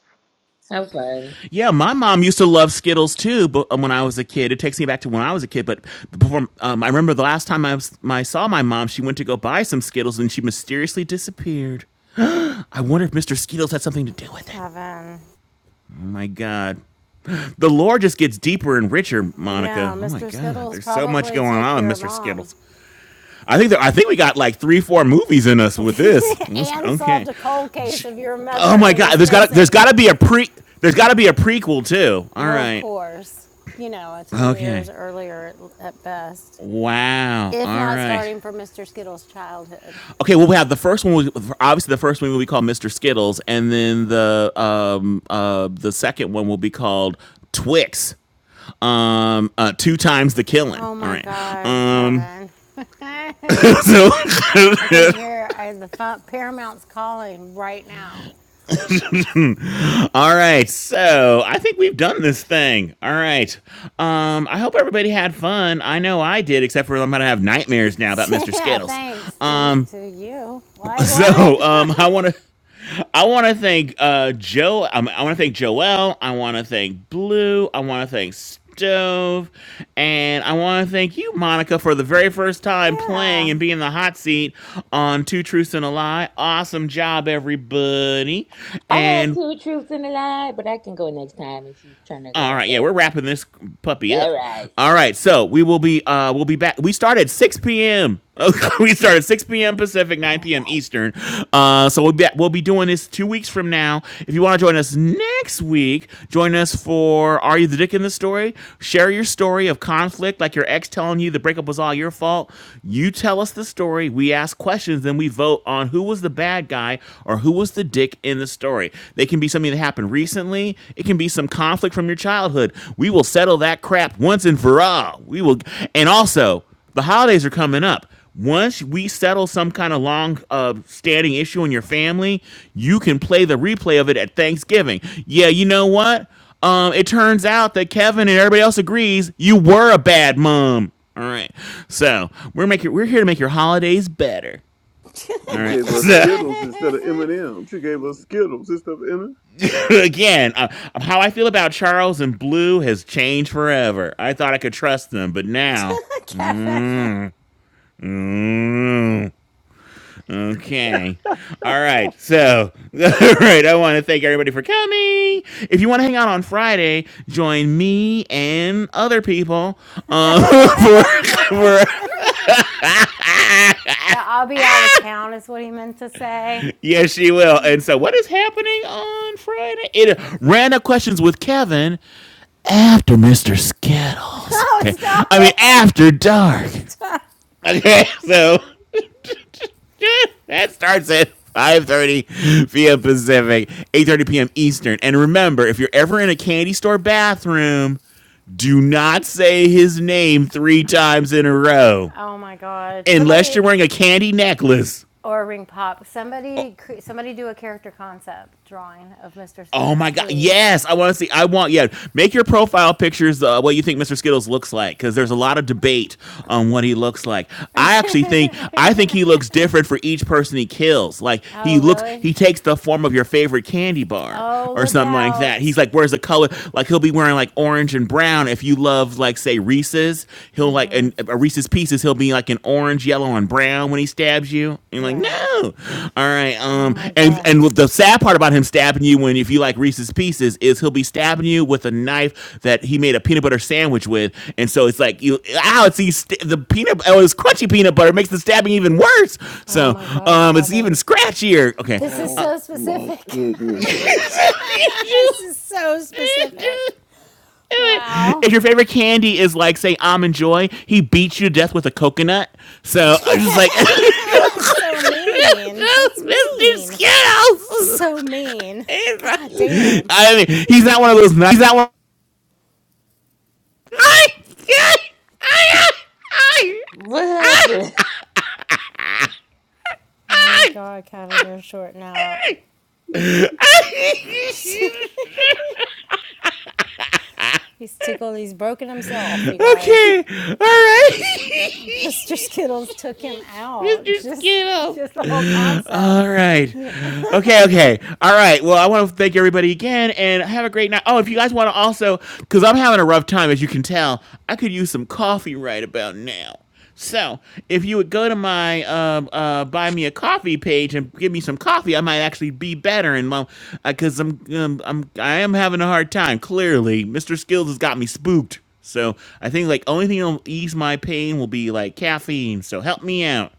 S12: Have fun.
S2: Yeah, my mom used to love Skittles too, but um, when I was a kid, it takes me back to when I was a kid. But before, um, I remember the last time I, was, I saw my mom, she went to go buy some Skittles, and she mysteriously disappeared. I wonder if Mister Skittles had something to do with it.
S6: Kevin.
S2: Oh my god! The lore just gets deeper and richer,
S6: Yeah,
S2: Monica. Oh my
S6: Mr.
S2: God,
S6: Skittles
S2: there's so much
S6: probably
S2: going on,
S6: took
S2: with
S6: your
S2: Mister
S6: mom
S2: Skittles. I think that I think we got like three, four movies in us with
S6: (laughs)
S2: this. Let's-
S6: and
S2: okay.
S6: solved a cold case
S2: J-
S6: of your
S2: Oh
S6: mother
S2: my
S6: who
S2: God,
S6: is
S2: there's got there's
S6: missing.
S2: got to be a pre there's got to be a prequel too. All
S6: Well, of
S2: right.
S6: course, you know, 10 years
S2: Okay.
S6: earlier at, best,
S2: Wow.
S6: if
S2: All
S6: not
S2: right.
S6: starting from Mr. Skittles' childhood.
S2: Okay. Well, we have the first one. was- Obviously, the first one will be called Mister Skittles, and then the um uh the second one will be called Twix um uh two times the killing
S6: Oh
S2: all
S6: my
S2: right
S6: God,
S2: um
S6: Kevin. (laughs) I
S2: So,
S6: can hear uh, the Paramount's calling right now.
S2: (laughs) all right. So, I think we've done this thing. All right. Um, I hope everybody had fun. I know I did, except for I'm gonna have nightmares now about
S6: (laughs)
S2: Mr.
S6: Yeah,
S2: Skittles.
S6: thanks to you.
S2: Um,
S6: To you.
S2: (laughs)
S6: Why, what?
S2: so, um, I want to. I want to thank uh, Joe. Um, I want to thank Joelle. I want to thank Blue. I want to thank Stove, and I want to thank you, Monica, for the very first
S6: (laughs)
S2: time playing
S6: yeah.
S2: and being the hot seat on Two Truths and a Lie. Awesome job, everybody!
S12: I had
S2: And
S12: two truths in a lie, but I can go next time if you're trying to
S2: All
S12: grab
S2: right, yeah,
S12: up.
S2: we're wrapping this puppy
S12: All
S2: up.
S12: right.
S2: All right, so we will be uh we'll be back. We start at 6 p.m. (laughs) we start at 6 p.m.
S12: Mm,
S2: Pacific,
S12: All
S2: 9 p.m.
S12: right.
S2: Eastern. Uh so we'll be we'll be doing this 2 weeks from now. If you want to join us next week, join us for Are You the Dick in the Story? Share your story of conflict like your ex telling you the breakup was all your fault. You tell us the story, we ask questions, then we vote on who was the bad guy or who was the dick in the story. They can be something that happened recently. It can be some conflict from your childhood. We will settle that crap once and for all. We will, and also the holidays are coming up. Once we settle some kind of long uh, standing issue in your family, you can play the replay of it at Thanksgiving. Yeah, you know what? Um, it turns out that Kevin and everybody else agrees you were a bad mom. All right, so we're making we're here to make your holidays better.
S6: (laughs)
S2: All
S5: You
S2: right, (laughs)
S5: gave us
S2: So
S5: Skittles instead of M&M's. You gave us Skittles instead of M&M's.
S2: (laughs) again, uh, how I feel about Charles and Blue has changed forever. I thought I could trust them, but now.
S6: Kevin.
S2: Mm, mm, okay. All right. So, (laughs) all right. I want to thank everybody for coming. If you want to hang out on Friday, join me and other people uh, (laughs)
S6: (laughs)
S2: for, (laughs) for. (laughs)
S6: Yeah, I'll be out of town, is what he meant to say.
S2: Yes, she will. And so, what is happening on Friday? It uh, random questions with Kevin after Mr.
S6: (laughs)
S2: Skittles.
S6: oh,
S2: Okay.
S6: stop
S2: I mean,
S6: it.
S2: after dark.
S6: Stop.
S2: Okay. So (laughs) that starts at 5.30 p.m. Pacific, 8.30 p.m. Eastern. And remember, if you're ever in a candy store bathroom, do not say his name three times in a row
S6: Oh my God.
S2: unless you're
S6: Somebody,
S2: wearing a candy necklace.
S6: or Ring Pop, somebody, somebody do a character concept drawing of Mr.
S2: Oh
S6: Skittles,
S2: my god!
S6: please.
S2: Yes, I want to see. I want yeah. Make your profile pictures uh, what you think Mr. Skittles looks like because there's a lot of debate on what he looks like.
S6: (laughs)
S2: I actually
S6: oh,
S2: think I think he looks different for each person he kills. Like he looks,
S6: really?
S2: he takes the form of your favorite candy bar
S6: Oh,
S2: or
S6: look
S2: something like that. He's
S6: out.
S2: like, where's the color? Like he'll be wearing like orange and brown. If you love like say Reese's, he'll like and a Reese's Pieces, he'll be like an orange, yellow, and brown when he stabs you. you're like,
S6: Right.
S2: no. All right.
S6: Oh
S2: Um.
S6: my
S2: And and
S6: God.
S2: with the sad part about him stabbing you when if you like Reese's Pieces is he'll be stabbing you with a knife that he made a peanut butter sandwich with, and so it's like you ow, it's these st- the peanut oh it's crunchy peanut butter it makes the stabbing even worse.
S6: Oh
S2: So
S6: my God,
S2: um, it's even
S6: Kevin.
S2: scratchier. Okay.
S6: This is
S2: Uh,
S5: Oh
S6: so
S5: my
S6: specific.
S5: goodness.
S6: (laughs) this is so specific. Wow.
S2: if your favorite candy is like say almond joy, he beats you to death with a coconut.
S6: (laughs)
S2: So I'm just like. (laughs)
S6: That's so mean.
S2: (laughs)
S6: That's
S2: Mr.
S6: mean.
S2: Skittles. (laughs)
S6: So mean. God damn.
S2: I mean, he's not one of those. He's not one. I, I, I, I,
S12: What happened? (laughs)
S6: Oh my God, Kevin, you're shorting out. (laughs) he's tickled. He's broken himself, you guys.
S2: Okay, all right. (laughs)
S6: (laughs) Mr. Skittles took him out. (laughs) Just, just the whole concept.
S2: All right. Okay, okay. All right. Well, I want to thank everybody again and have a great night. Oh, if you guys want to also, because I'm having a rough time, as you can tell, I could use some coffee right about now. So, if you would go to my um, uh, buy me a coffee page and give me some coffee, I might actually be better. And mom, because I'm, um, I'm, I am having a hard time. Clearly, Mr. Skills has got me spooked. So I think like only thing that'll ease my pain will be like caffeine. So help me out.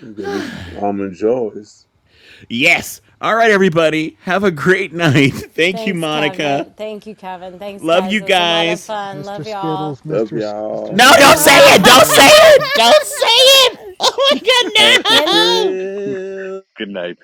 S5: You gonna get you some almond joys.
S2: Yes. All right, everybody. Have a great (laughs) night. Thank you,
S6: Thanks,
S2: Monica.
S6: Kevin. Thank you, Kevin. Thanks,
S2: Love
S6: guys.
S2: you
S6: It was a lot of
S2: guys.
S6: fun.
S3: Mr.
S6: Love y'all.
S3: Skittles,
S5: Love
S3: Mr. Sk- Mr.
S2: No,
S5: y'all.
S2: don't
S5: Love
S2: say
S5: y'all.
S2: it. Don't say
S3: Skittles!
S2: it. Don't say it.
S6: (laughs)
S2: Oh my
S5: Happy
S2: God,
S6: and
S2: no.
S5: trip.
S7: Good night.